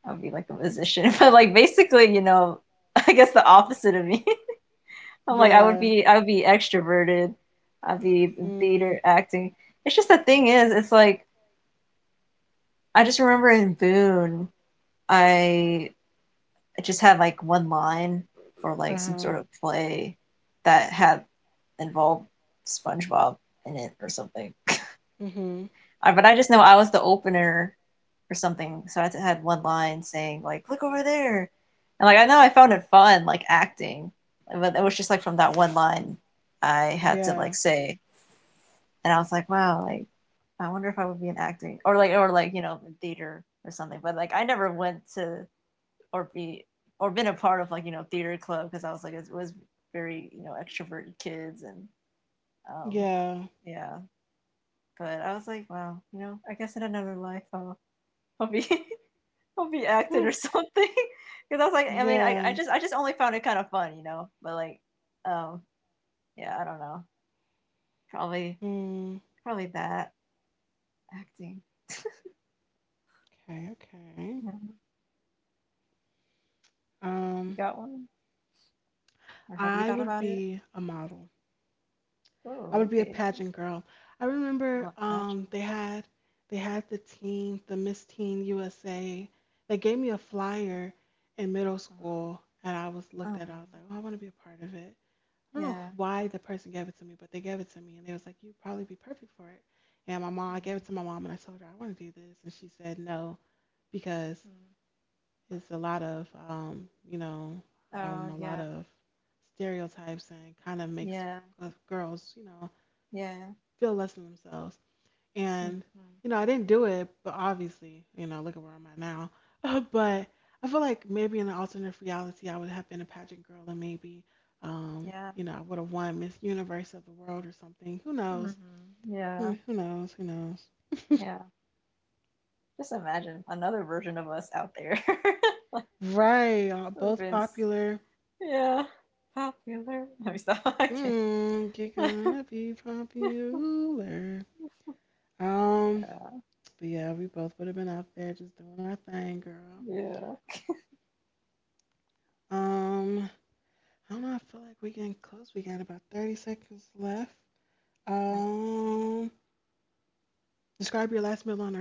[SPEAKER 1] I'd be like a musician, but like basically, you know, I guess the opposite of me. I'm like,
[SPEAKER 2] Yeah.
[SPEAKER 1] I would be extroverted. I'd be in
[SPEAKER 2] Mm.
[SPEAKER 1] theater acting. It's just the thing is, it's like I just remember in Boone, I just had like one line for like some
[SPEAKER 2] Uh-huh.
[SPEAKER 1] sort of play that had involved SpongeBob in it or something.
[SPEAKER 2] Mm-hmm.
[SPEAKER 1] I, but I just know I was the opener or something, so I had one line saying like, "Look over there," and like I know I found it fun, like acting, but it was just like from that one line I had to like
[SPEAKER 2] Yeah.
[SPEAKER 1] say and I was like, wow, like I wonder if I would be in acting or like, or like, you know, theater or something. But like I never went to, or be, or been a part of like, you know, theater club because I was like it was very, you know, extroverted kids and um
[SPEAKER 2] Yeah.
[SPEAKER 1] yeah. But I was like, wow, you know, I guess in another life I'll be I'll be acting or
[SPEAKER 2] Mm.
[SPEAKER 1] something. Because I was like, I mean, I
[SPEAKER 2] Yeah.
[SPEAKER 1] just, I just only found it kind of fun, you know. But like, um, yeah, I don't know, probably
[SPEAKER 2] Mm,
[SPEAKER 1] probably that acting.
[SPEAKER 2] okay, okay.
[SPEAKER 1] I you
[SPEAKER 2] Um,
[SPEAKER 1] got one? Or have you
[SPEAKER 2] I
[SPEAKER 1] thought
[SPEAKER 2] would
[SPEAKER 1] about it?
[SPEAKER 2] be a model. I
[SPEAKER 1] Oh,
[SPEAKER 2] would be a
[SPEAKER 1] okay.
[SPEAKER 2] pageant girl. I
[SPEAKER 1] I
[SPEAKER 2] remember
[SPEAKER 1] want pageant.
[SPEAKER 2] they had the teen, the Miss Teen USA. They gave me a flyer in middle
[SPEAKER 1] Uh-uh.
[SPEAKER 2] school and I was looked
[SPEAKER 1] Uh-uh.
[SPEAKER 2] at it. I was like, "Oh, I want to be a part of it." I don't know
[SPEAKER 1] Yeah.
[SPEAKER 2] why the person gave it to me, but they gave it to me and they was like, "You'd probably be perfect for it." And my mom, I gave it to my mom and I told her I want to do this and she said no because
[SPEAKER 1] Mm-hmm.
[SPEAKER 2] it's a lot of, you know,
[SPEAKER 1] Oh,
[SPEAKER 2] a lot
[SPEAKER 1] yeah.
[SPEAKER 2] of stereotypes and kind of makes
[SPEAKER 1] Yeah.
[SPEAKER 2] girls, you know,
[SPEAKER 1] Yeah.
[SPEAKER 2] feel less than themselves. And,
[SPEAKER 1] Mm-hmm.
[SPEAKER 2] you know, I didn't do it, but obviously, you know, look at where I'm at now. But I feel like maybe in an alternate reality, I would have been a pageant girl and maybe,
[SPEAKER 1] Yeah.
[SPEAKER 2] you know, I would have won Miss Universe of the World or something. Who knows?
[SPEAKER 1] Mm-hmm.
[SPEAKER 2] Hmm,
[SPEAKER 1] Yeah.
[SPEAKER 2] who knows? Who knows?
[SPEAKER 1] Yeah. Just imagine another version of us out there. Like,
[SPEAKER 2] Right.
[SPEAKER 1] would've
[SPEAKER 2] Both
[SPEAKER 1] been, s-
[SPEAKER 2] popular.
[SPEAKER 1] yeah, popular. Let me stop. I can't.
[SPEAKER 2] Hmm, you're gonna be popular. Um,
[SPEAKER 1] Yeah.
[SPEAKER 2] but yeah, we both would have been out there just doing our thing, girl.
[SPEAKER 1] Yeah.
[SPEAKER 2] Um, I don't know. I feel like we are getting close. We got about 30 seconds left.
[SPEAKER 1] I can.
[SPEAKER 2] Um, describe your last meal on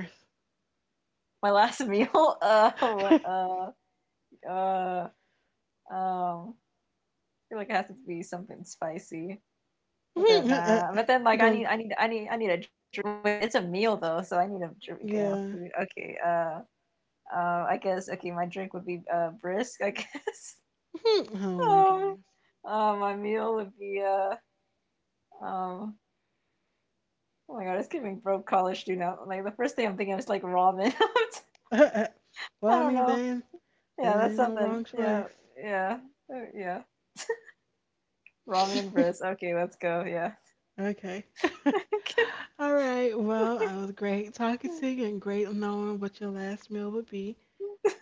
[SPEAKER 1] My last meal, what,
[SPEAKER 2] Earth.
[SPEAKER 1] uh, um, I feel like it has to be something spicy.
[SPEAKER 2] You
[SPEAKER 1] But then, like,
[SPEAKER 2] gonna?
[SPEAKER 1] I need a drink. Wait, it's a meal though, so I need a drink and a
[SPEAKER 2] Yeah.
[SPEAKER 1] food. Okay, I guess. Okay, my drink would be brisk, I guess.
[SPEAKER 2] Oh my
[SPEAKER 1] Um,
[SPEAKER 2] goodness.
[SPEAKER 1] my meal would be um, oh my God, it's giving broke college student. Out. Like the first thing I'm thinking is like ramen. I
[SPEAKER 2] Well, I
[SPEAKER 1] don't
[SPEAKER 2] mean,
[SPEAKER 1] know.
[SPEAKER 2] then there
[SPEAKER 1] Yeah, that's
[SPEAKER 2] ain't no
[SPEAKER 1] something.
[SPEAKER 2] wrong
[SPEAKER 1] Yeah,
[SPEAKER 2] choice.
[SPEAKER 1] yeah, yeah. Ramen and brisk. Okay, let's go. Yeah,
[SPEAKER 2] Okay. All right. Well, it was great talking to you and great knowing what your last meal would be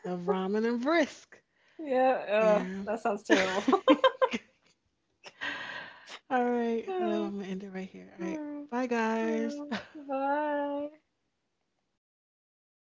[SPEAKER 2] of ramen and brisk.
[SPEAKER 1] yeah.
[SPEAKER 2] Yeah.
[SPEAKER 1] That sounds terrible.
[SPEAKER 2] All right. Hold on. I'm going to end it right here. All right. Bye, guys.
[SPEAKER 1] Bye.